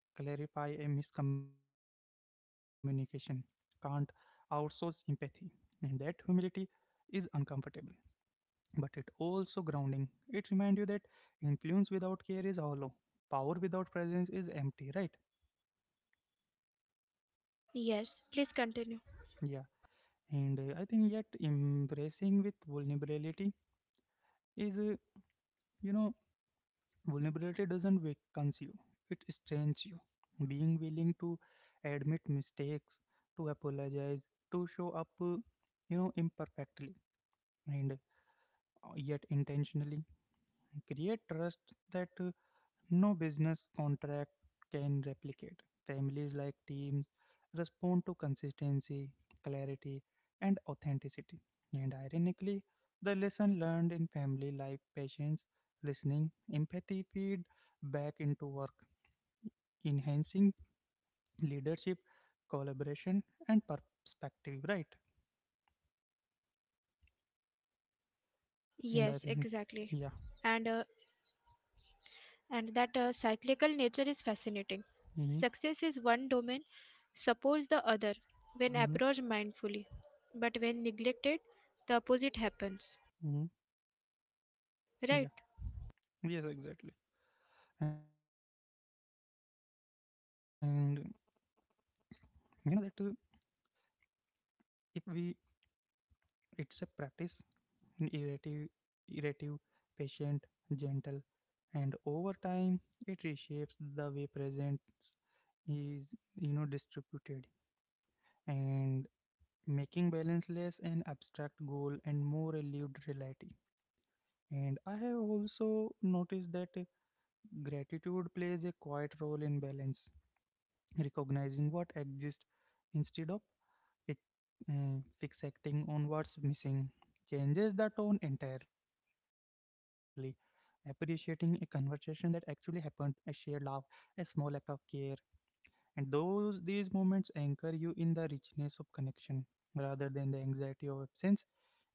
Speaker 1: clarify a miscommunication, can't outsource empathy. And that humility is uncomfortable, but it also grounding. It reminds you that influence without care is hollow, power without presence is empty, right?
Speaker 2: Yes, please continue.
Speaker 1: Yeah, and uh, I think yet embracing with vulnerability is, uh, you know, Vulnerability doesn't weaken you, it strengthens you. Being willing to admit mistakes, to apologize, to show up, uh, you know, imperfectly and uh, yet intentionally create trust that uh, no business contract can replicate. Families like teams respond to consistency, clarity, and authenticity. And ironically, the lesson learned in family life patience, listening, empathy feed back into work, enhancing leadership, collaboration, and perspective, right?
Speaker 2: Yes,
Speaker 1: And I think,
Speaker 2: exactly.
Speaker 1: yeah.
Speaker 2: And uh, and that uh, Cyclical nature is fascinating.
Speaker 1: Hmm.
Speaker 2: Success is one domain, suppose the other when
Speaker 1: Hmm.
Speaker 2: approached mindfully, but when neglected, the opposite happens,
Speaker 1: Hmm. Yeah.
Speaker 2: right?
Speaker 1: Yes, exactly. And you know that uh, if we, it's a practice in iterative, iterative, patient, gentle, and over time it reshapes the way presence is you know distributed and making balance less an abstract goal and more a lived reality. And I have also noticed that gratitude plays a quiet role in balance, recognizing what exists instead of fi- uh, fixating on what's missing changes the tone entirely. Appreciating a conversation that actually happened, a shared laugh, a small act of care. And those these moments anchor you in the richness of connection rather than the anxiety of absence.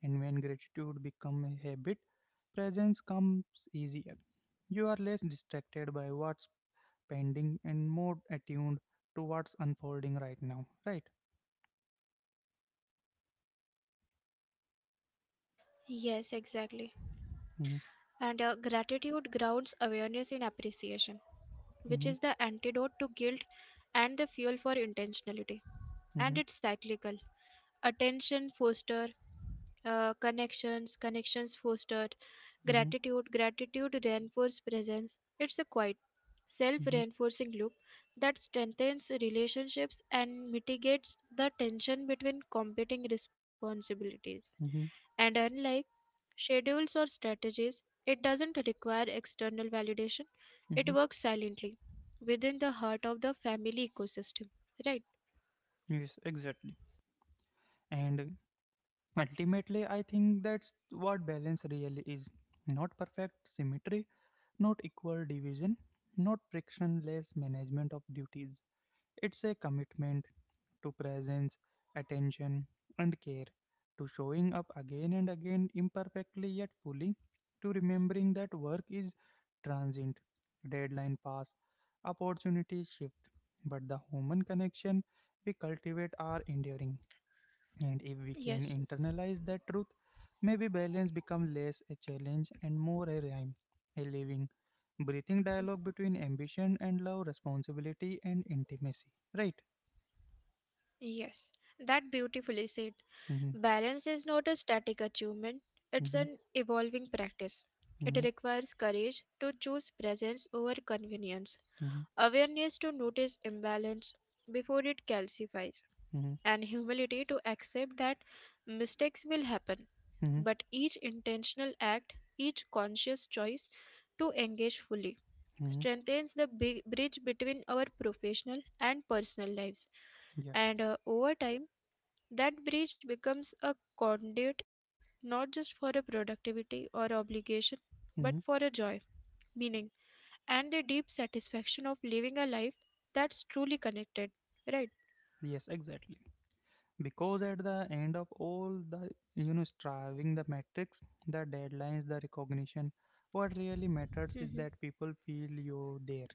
Speaker 1: And when gratitude becomes a habit, presence comes easier. You are less distracted by what's pending and more attuned to what's unfolding right now. Right?
Speaker 2: Yes, exactly.
Speaker 1: Mm-hmm,
Speaker 2: And uh, Gratitude grounds awareness in appreciation, which is
Speaker 1: mm-hmm,
Speaker 2: the antidote to guilt and the fuel for intentionality. And it's cyclical. Attention foster uh, connections, connections foster
Speaker 1: mm-hmm,
Speaker 2: gratitude, gratitude reinforce presence. It's a quiet,
Speaker 1: mm-hmm,
Speaker 2: self-reinforcing loop that strengthens relationships and mitigates the tension between competing responsibilities.
Speaker 1: mm-hmm,
Speaker 2: And unlike schedules or strategies, it doesn't require external validation. It works
Speaker 1: mm-hmm.
Speaker 2: silently within the heart of the family ecosystem. Right?
Speaker 1: Yes, exactly. And ultimately, I think that's what balance really is, not perfect symmetry, not equal division, not frictionless management of duties. It's a commitment to presence, attention, and care, to showing up again and again imperfectly yet fully, to remembering that work is transient, deadline pass, opportunities shift, but the human connection we cultivate are enduring. And if we can
Speaker 2: Yes.
Speaker 1: internalize that truth, maybe balance becomes less a challenge and more a rhyme, a living, breathing
Speaker 2: Mhm.
Speaker 1: dialogue between ambition and love, responsibility and intimacy. Right?
Speaker 2: Yes, that beautifully said.
Speaker 1: Mm-hmm,
Speaker 2: Balance is not a static achievement, it's an
Speaker 1: mm-hmm,
Speaker 2: evolving practice. It
Speaker 1: mm-hmm,
Speaker 2: requires courage to choose presence over convenience,
Speaker 1: mm-hmm,
Speaker 2: awareness to notice imbalance before it calcifies,
Speaker 1: mm-hmm,
Speaker 2: and humility to accept that mistakes will happen
Speaker 1: mm-hmm,
Speaker 2: but each intentional act, each conscious choice to engage fully,
Speaker 1: mm-hmm.
Speaker 2: strengthens the bi- bridge between our professional and personal lives.
Speaker 1: Yeah.
Speaker 2: And uh, Over time, that bridge becomes a conduit not just for a productivity or obligation, but for a
Speaker 1: Mm-hmm.
Speaker 2: joy, meaning, and the deep satisfaction of living a life that's truly connected. Right?
Speaker 1: Yes, exactly. Because at the end of all the you know striving, the metrics, the deadlines, the recognition, what really matters is
Speaker 2: Mm-hmm.
Speaker 1: that people feel you there.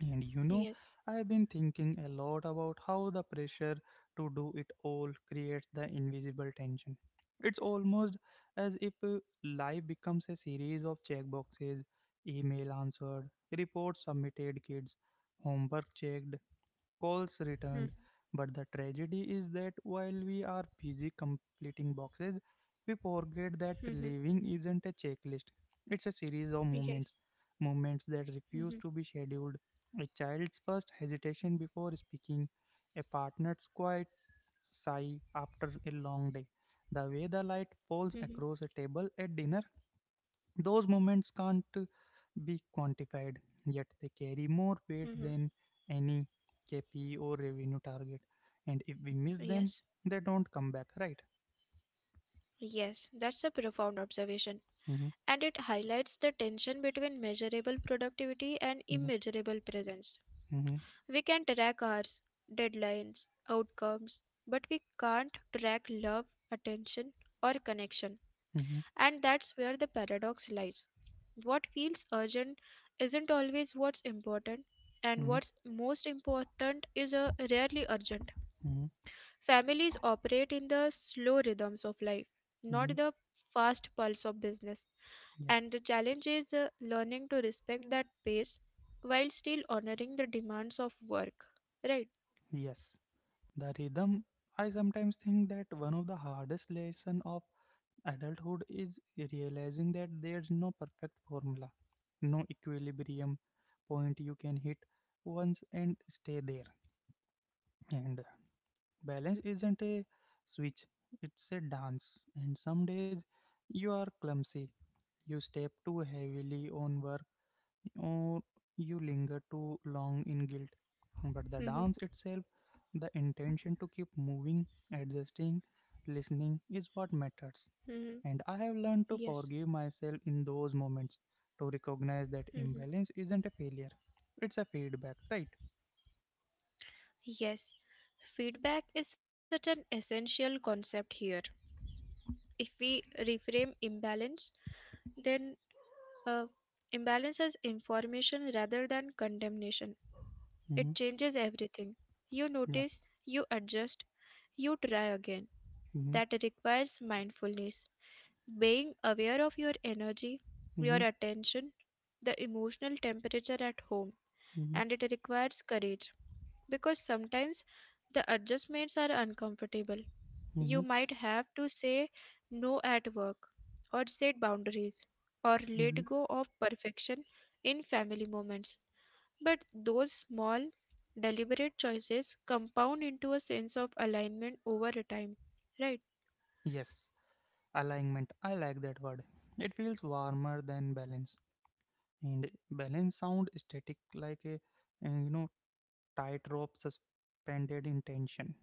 Speaker 1: And you know,
Speaker 2: Yes.
Speaker 1: I've been thinking a lot about how the pressure to do it all creates the invisible tension. It's almost as if uh, life becomes a series of checkboxes, email answered, reports submitted, kids, homework checked, calls returned. But the tragedy is that while we are busy completing boxes, we forget that
Speaker 2: Mm-hmm.
Speaker 1: living isn't a checklist. It's a series of moments,
Speaker 2: Yes.
Speaker 1: moments that refuse
Speaker 2: Mm-hmm.
Speaker 1: to be scheduled. A child's first hesitation before speaking, a partner's quiet sigh after a long day, the way the light
Speaker 2: Mm-hmm.
Speaker 1: falls across a table at dinner, those moments can't be quantified, yet they carry more weight
Speaker 2: Mm-hmm.
Speaker 1: than any K P I or revenue target. And if we miss them,
Speaker 2: Yes.
Speaker 1: they don't come back, right?
Speaker 2: Yes, that's a profound observation,
Speaker 1: Mm-hmm,
Speaker 2: and it highlights the tension between measurable productivity and
Speaker 1: mm-hmm,
Speaker 2: immeasurable presence. We can track hours, deadlines, outcomes, but we can't track love, attention, or connection.
Speaker 1: mm-hmm,
Speaker 2: And that's where the paradox lies. What feels urgent isn't always what's important, and
Speaker 1: mm-hmm,
Speaker 2: what's most important is uh, rarely urgent.
Speaker 1: mm-hmm, mm-hmm,
Speaker 2: Families operate in the slow rhythms of life, not
Speaker 1: mm-hmm.
Speaker 2: the fast pulse of business.
Speaker 1: Yeah.
Speaker 2: And the challenge is uh, learning to respect that pace while still honoring the demands of work. Right?
Speaker 1: Yes. The rhythm. I sometimes think that one of the hardest lesson of adulthood is realizing that there's no perfect formula, no equilibrium point you can hit once and stay there. And balance isn't a switch, it's a dance. And some days you are clumsy, you step too heavily on work, or you linger too long in guilt. But the dance
Speaker 2: Mhm,
Speaker 1: itself, the intention to keep moving, adjusting, listening is what matters.
Speaker 2: mhm,
Speaker 1: And I have learned to
Speaker 2: yes.
Speaker 1: forgive myself in those moments, to recognize that
Speaker 2: Mhm.
Speaker 1: imbalance isn't a failure, it's a feedback, right?
Speaker 2: Yes. Feedback is such an essential concept here. If we reframe imbalance, then uh, imbalance as information rather than condemnation.
Speaker 1: Mm-hmm.
Speaker 2: It changes everything. You
Speaker 1: Yeah.
Speaker 2: notice, you adjust, you try again.
Speaker 1: Mm-hmm.
Speaker 2: That requires mindfulness. Being aware of your energy, your
Speaker 1: Mm-hmm.
Speaker 2: attention, the emotional temperature at home,
Speaker 1: Mm-hmm.
Speaker 2: and it requires courage because sometimes the adjustments are uncomfortable.
Speaker 1: Mm-hmm.
Speaker 2: You might have to say no at work, or set boundaries, or
Speaker 1: Mm-hmm.
Speaker 2: let go of perfection in family moments. But those small, deliberate choices compound into a sense of alignment over a time, right?
Speaker 1: Yes, alignment, I like that word. It feels warmer than balance, and balance sound static, like a, uh, you know tightrope suspended in tension.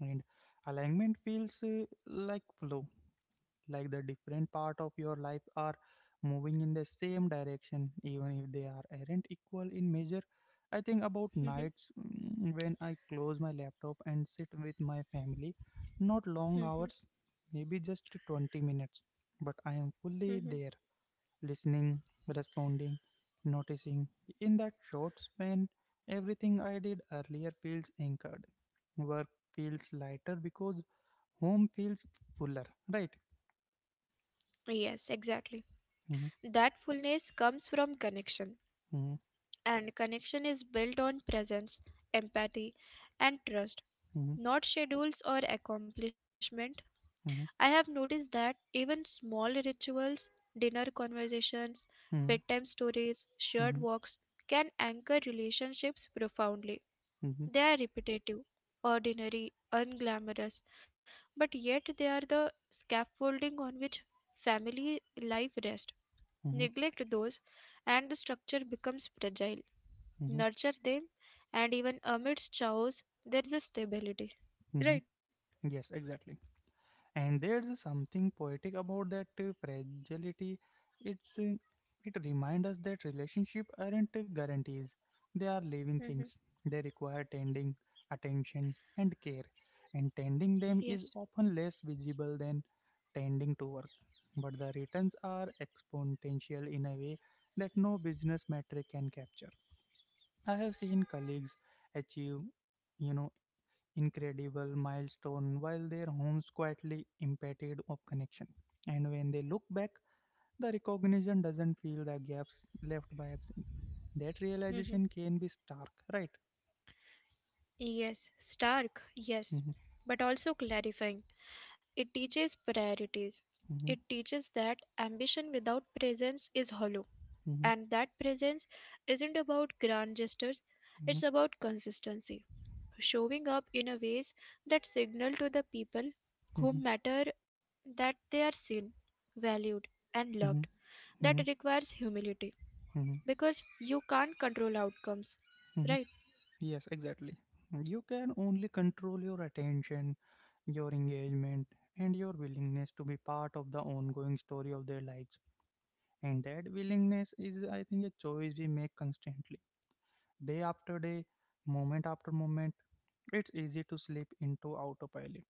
Speaker 1: And alignment feels uh, like flow, like the different part of your life are moving in the same direction even if they are aren't equal in measure. I think about
Speaker 2: Mhm,
Speaker 1: nights, mm, when I close my laptop and sit with my family, not long
Speaker 2: mhm,
Speaker 1: hours, maybe just 20 minutes, but I am fully
Speaker 2: mhm.
Speaker 1: there, listening, responding, noticing. In that short span everything I did earlier feels anchored. Work feels lighter because home feels fuller, right?
Speaker 2: Yes, exactly. That fullness comes from connection,
Speaker 1: Mhm.
Speaker 2: and connection is built on presence, empathy, and trust,
Speaker 1: Mm-hmm,
Speaker 2: not schedules or accomplishment. I
Speaker 1: mm-hmm,
Speaker 2: have noticed that even small rituals, dinner conversations, bedtime stories, shared
Speaker 1: mm-hmm,
Speaker 2: walks can anchor relationships profoundly.
Speaker 1: mm-hmm,
Speaker 2: They are repetitive, ordinary, unglamorous, but yet they are the scaffolding on which family life rests.
Speaker 1: mm-hmm,
Speaker 2: Neglect those, and the structure becomes fragile.
Speaker 1: mm-hmm, mm-hmm,
Speaker 2: Nurture them, and even amidst chaos, there is a stability.
Speaker 1: mm-hmm.
Speaker 2: Right?
Speaker 1: Yes, exactly. And there's something poetic about that uh, fragility. It's uh, it reminds us that relationship aren't uh, guarantees. They are living
Speaker 2: Hmm.
Speaker 1: things. They require tending, attention, and care. And tending them is
Speaker 2: Yes.
Speaker 1: often less visible than tending to work. But the returns are exponential in a way that no business metric can capture. I have seen colleagues achieve, you know, incredible milestone while their homes quietly impeded of connection. And when they look back, the recognition doesn't fill the gaps left by absence. That
Speaker 2: Hmm.
Speaker 1: realization can be stark, right?
Speaker 2: Yes. Stark. Yes.
Speaker 1: Mhm,
Speaker 2: But also clarifying. It teaches priorities. It
Speaker 1: mhm,
Speaker 2: teaches that ambition without presence is hollow.
Speaker 1: mhm,
Speaker 2: And that presence isn't about grand gestures,
Speaker 1: mhm,
Speaker 2: it's about consistency. Showing up in a ways that signal to the people who
Speaker 1: mhm,
Speaker 2: matter that they are seen, valued, and loved.
Speaker 1: mhm,
Speaker 2: That
Speaker 1: mhm,
Speaker 2: requires humility
Speaker 1: mhm,
Speaker 2: because you can't control outcomes,
Speaker 1: mhm.
Speaker 2: right?
Speaker 1: Yes, exactly. You can only control your attention, your engagement, and your willingness to be part of the ongoing story of their lives. And that willingness is, I think, a choice we make constantly, day after day, moment after moment. It's easy to slip into autopilot,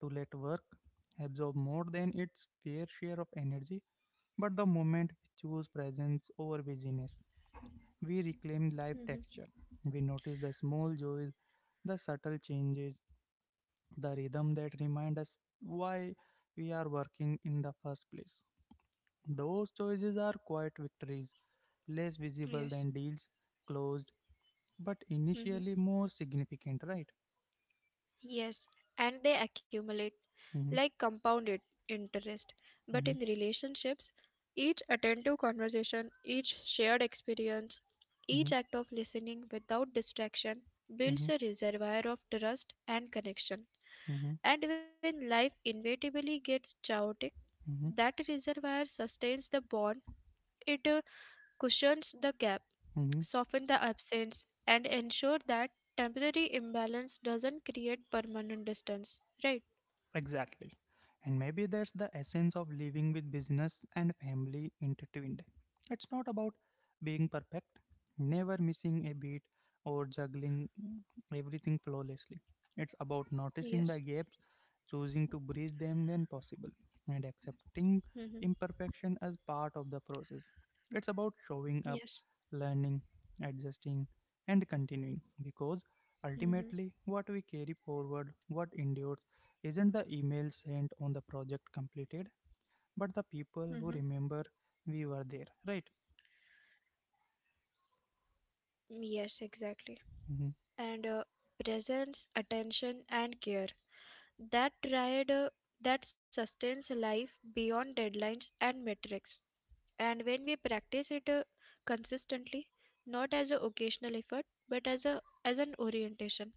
Speaker 1: to let work absorb more than its fair share of energy. But the moment we choose presence over busyness, we reclaim life
Speaker 2: Hmm.
Speaker 1: texture. We notice the small joys, the subtle changes, the rhythm that remind us why we are working in the first place. Those choices are quiet victories less visible
Speaker 2: Yes.
Speaker 1: than deals closed, but
Speaker 2: Hmm.
Speaker 1: initially more significant, right?
Speaker 2: Yes, and they accumulate
Speaker 1: Mm-hmm,
Speaker 2: like compounded interest. But in
Speaker 1: mm-hmm,
Speaker 2: relationships, each attentive conversation, each shared experience,
Speaker 1: mm-hmm,
Speaker 2: each act of listening without distraction
Speaker 1: mm-hmm,
Speaker 2: builds a reservoir of trust and connection. And when life inevitably gets chaotic,
Speaker 1: mm-hmm,
Speaker 2: that reservoir sustains the bond, it uh, cushions the gap,
Speaker 1: mm-hmm.
Speaker 2: softens the absence, and ensure that temporary imbalance doesn't create permanent distance, right?
Speaker 1: Exactly. And maybe that's the essence of living with business and family intertwined. It's not about being perfect, never missing a beat, or juggling everything flawlessly. It's about noticing the
Speaker 2: Yes.
Speaker 1: gaps, choosing to bridge them when possible, and accepting
Speaker 2: Mm-hmm.
Speaker 1: imperfection as part of the process. It's about showing up,
Speaker 2: Yes.
Speaker 1: learning, adjusting, and continuing because
Speaker 2: Mm-hmm.
Speaker 1: ultimately what we carry forward, what endures, isn't the email sent on the project completed, but the
Speaker 2: Mm-hmm.
Speaker 1: people who remember we were there, right?
Speaker 2: Yes, exactly.
Speaker 1: Mm-hmm,
Speaker 2: And uh, Presence, attention, and care. That triad uh, that sustains life beyond deadlines and metrics. And when we practice it uh, consistently, not as an occasional effort, but as a as an orientation,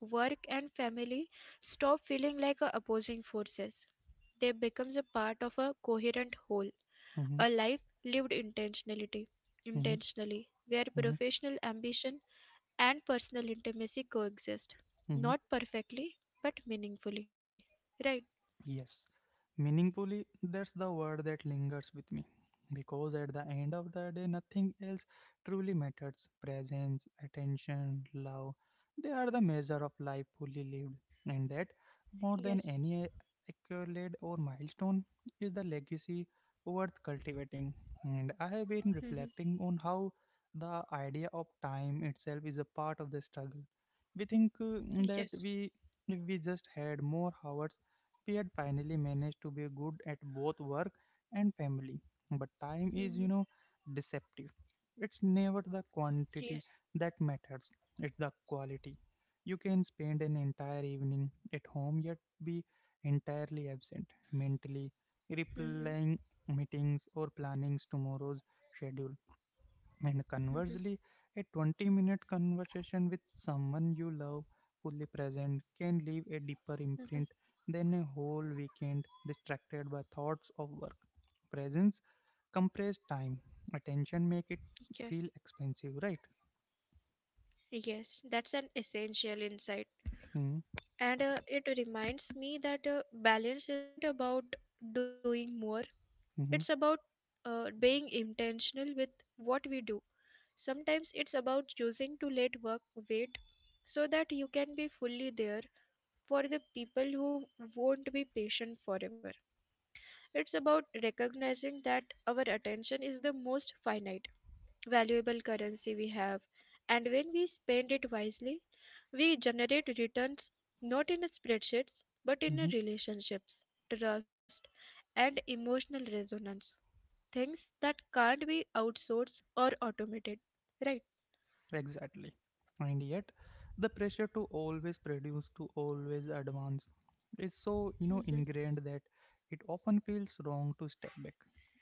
Speaker 2: work and family stop feeling like uh, opposing forces. They becomes a part of a coherent whole. A
Speaker 1: mm-hmm,
Speaker 2: life lived intentionality
Speaker 1: mm-hmm,
Speaker 2: intentionally, where
Speaker 1: mm-hmm,
Speaker 2: professional ambition and personal intimacy coexist.
Speaker 1: mm-hmm.
Speaker 2: Not perfectly, but meaningfully. Right?
Speaker 1: Yes, meaningfully, that's the word that lingers with me. Because at the end of the day, nothing else truly matters. Presence, attention, love, they are the measure of life fully lived. And that, more than
Speaker 2: Yes.
Speaker 1: any accolade or milestone, is the legacy worth cultivating. And I have been
Speaker 2: Mm-hmm.
Speaker 1: reflecting on how the idea of time itself is a part of the struggle. We think uh, that
Speaker 2: Yes.
Speaker 1: we if we just had more hours we had finally managed to be good at both work and family. But
Speaker 2: Mm-hmm.
Speaker 1: time is, you know, deceptive. It's never the
Speaker 2: Yes.
Speaker 1: quantity that matters, it's the quality. You can spend an entire evening at home yet be entirely absent mentally,
Speaker 2: Mm-hmm.
Speaker 1: replying meetings or planning tomorrow's schedule. And
Speaker 2: Mm-hmm.
Speaker 1: conversely, a 20 minute conversation with someone you love, fully present, can leave a deeper
Speaker 2: Mm-hmm.
Speaker 1: imprint than a whole weekend distracted by thoughts of work. Presence compressed time, attention make it
Speaker 2: Yes.
Speaker 1: feel expensive, right?
Speaker 2: Yes, that's an essential insight.
Speaker 1: Mm-hmm.
Speaker 2: And uh, it reminds me that uh, balance isn't about doing more, it's about uh, being intentional with what we do. Sometimes it's about choosing to let work wait so that you can be fully there for the people who won't be patient forever. It's about recognizing that our attention is the most finite, valuable currency we have, and when we spend it wisely, we generate returns not in spreadsheets but in relationships, trust, and emotional resonance. Things that can't be outsourced or automated, right?
Speaker 1: Exactly. And yet, the pressure to always produce, to always advance, is so you know
Speaker 2: Mhm.
Speaker 1: ingrained that it often feels wrong to step back,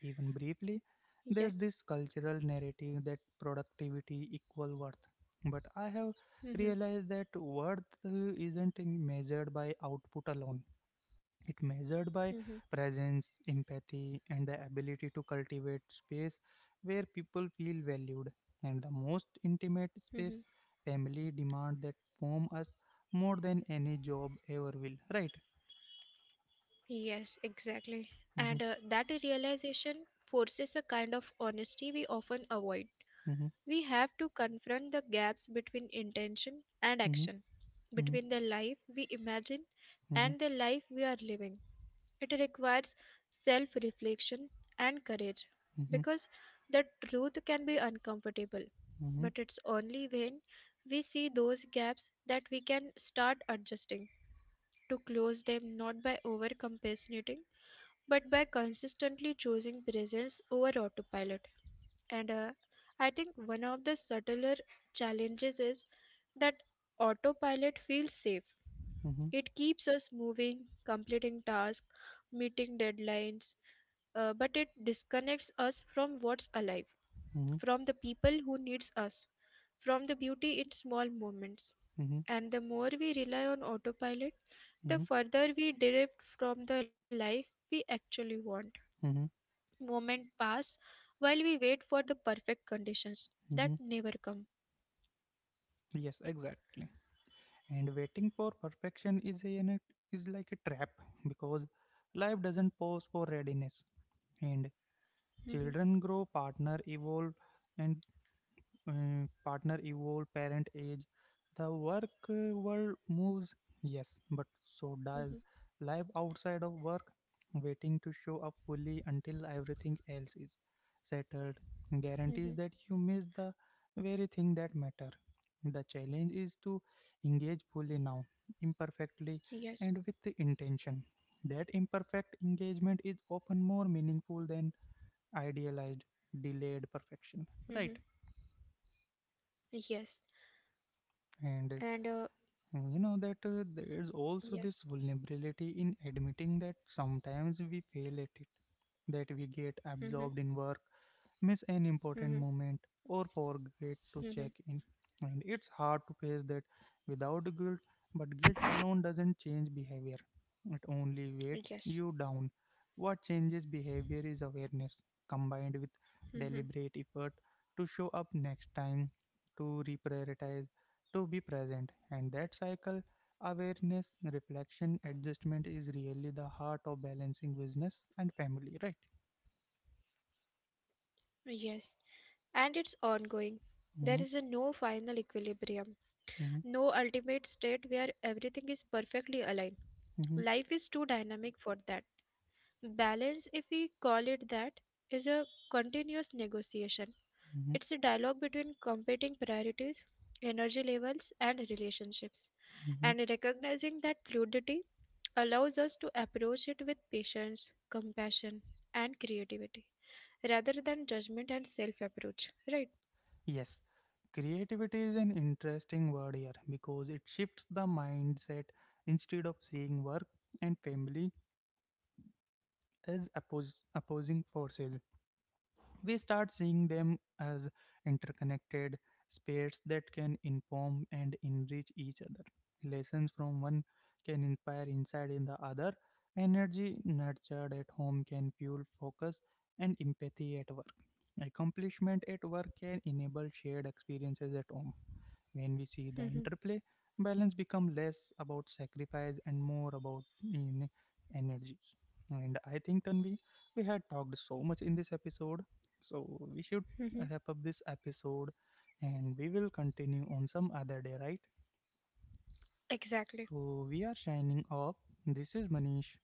Speaker 1: even briefly.
Speaker 2: Yes.
Speaker 1: There's this cultural narrative that productivity equal worth, but I have
Speaker 2: Mm-hmm.
Speaker 1: realized that worth uh, isn't measured by output alone. It measured
Speaker 2: Mm-hmm.
Speaker 1: by presence, empathy, and the ability to cultivate space where people feel valued. And the most intimate
Speaker 2: Mm-hmm.
Speaker 1: space, family demand that form us more than any job ever will. Right?
Speaker 2: Yes, exactly.
Speaker 1: Mm-hmm,
Speaker 2: And uh, That realization forces a kind of honesty we often avoid.
Speaker 1: mm-hmm,
Speaker 2: We have to confront the gaps between intention and
Speaker 1: mm-hmm,
Speaker 2: action, between the life we imagine
Speaker 1: mm-hmm,
Speaker 2: and the life we are living. It requires self reflection and courage
Speaker 1: mm-hmm,
Speaker 2: because the truth can be uncomfortable,
Speaker 1: mm-hmm,
Speaker 2: but it's only when we see those gaps that we can start adjusting to close them not by overcompensating, but by consistently choosing presence over autopilot. And uh, I think one of the subtler challenges is that autopilot feels safe.
Speaker 1: mm-hmm, mm-hmm,
Speaker 2: It keeps us moving, completing tasks, meeting deadlines, uh, but it disconnects us from what's alive
Speaker 1: mm-hmm, mm-hmm,
Speaker 2: from the people who needs us, from the beauty in small moments. And the more we rely on autopilot, the
Speaker 1: mm-hmm,
Speaker 2: further we drift from the life we actually want.
Speaker 1: mm-hmm.
Speaker 2: Moments pass while we wait for the perfect conditions that
Speaker 1: Mm-hmm.
Speaker 2: never come.
Speaker 1: Yes, exactly. And waiting for perfection is a, an- is like a trap, because life doesn't pause for readiness, and
Speaker 2: Mhm,
Speaker 1: children grow, partner evolve, and uh, partner evolve, parent age, the work uh, world moves, yes, but so does
Speaker 2: mhm,
Speaker 1: life outside of work. Waiting to show up fully until everything else is settled
Speaker 2: mhm.
Speaker 1: guarantees that you miss the very thing that matter. The challenge is to engage fully now, imperfectly, and with
Speaker 2: Yes.
Speaker 1: the intention that imperfect engagement is often more meaningful than idealized delayed perfection,
Speaker 2: Mhm.
Speaker 1: right?
Speaker 2: Yes.
Speaker 1: And uh,
Speaker 2: And uh,
Speaker 1: you know that uh, there's also this
Speaker 2: Yes.
Speaker 1: vulnerability in admitting that sometimes we fail at it, that we get absorbed in
Speaker 2: Mhm,
Speaker 1: work, miss an important moment,
Speaker 2: mhm,
Speaker 1: or forget to check in.
Speaker 2: mhm.
Speaker 1: And it's hard to face that without guilt, but guilt alone doesn't change behavior. It only weighs you down.
Speaker 2: Yes.
Speaker 1: What changes behavior is awareness combined with deliberate
Speaker 2: Mhm,
Speaker 1: effort to show up next time, to reprioritize, to be present. And that cycle, awareness, reflection, adjustment is really the heart of balancing business and family, right?
Speaker 2: yes. And it's ongoing. There
Speaker 1: Mm-hmm,
Speaker 2: is a no final equilibrium,
Speaker 1: mm-hmm,
Speaker 2: no ultimate state where everything is perfectly aligned.
Speaker 1: mm-hmm,
Speaker 2: Life is too dynamic for that. Balance, if we call it that, is a continuous negotiation.
Speaker 1: mm-hmm.
Speaker 2: It's a dialogue between competing priorities, energy levels, and relationships.
Speaker 1: Mhm.
Speaker 2: And recognizing that fluidity allows us to approach it with patience, compassion, and creativity rather than judgment and self approach. Right?
Speaker 1: Yes, creativity is an interesting word here because it shifts the mindset, instead of seeing work and family as oppos- opposing forces. We start seeing them as interconnected spheres that can inform and enrich each other. Lessons from one can inspire insight in the other. Energy nurtured at home can fuel focus and empathy at work. Accomplishment at work can enable shared experiences at home. When we see the interplay, balance become less about sacrifice and more about in energies. And I think, Tanvi, we had talked so much in this episode, so we should wrap up this episode, and we will continue on some other day, right?
Speaker 2: <laughs> Exactly.
Speaker 1: So we are signing off. This is Manish.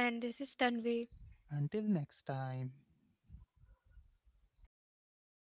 Speaker 2: And this is Tanvi.
Speaker 1: Until next time.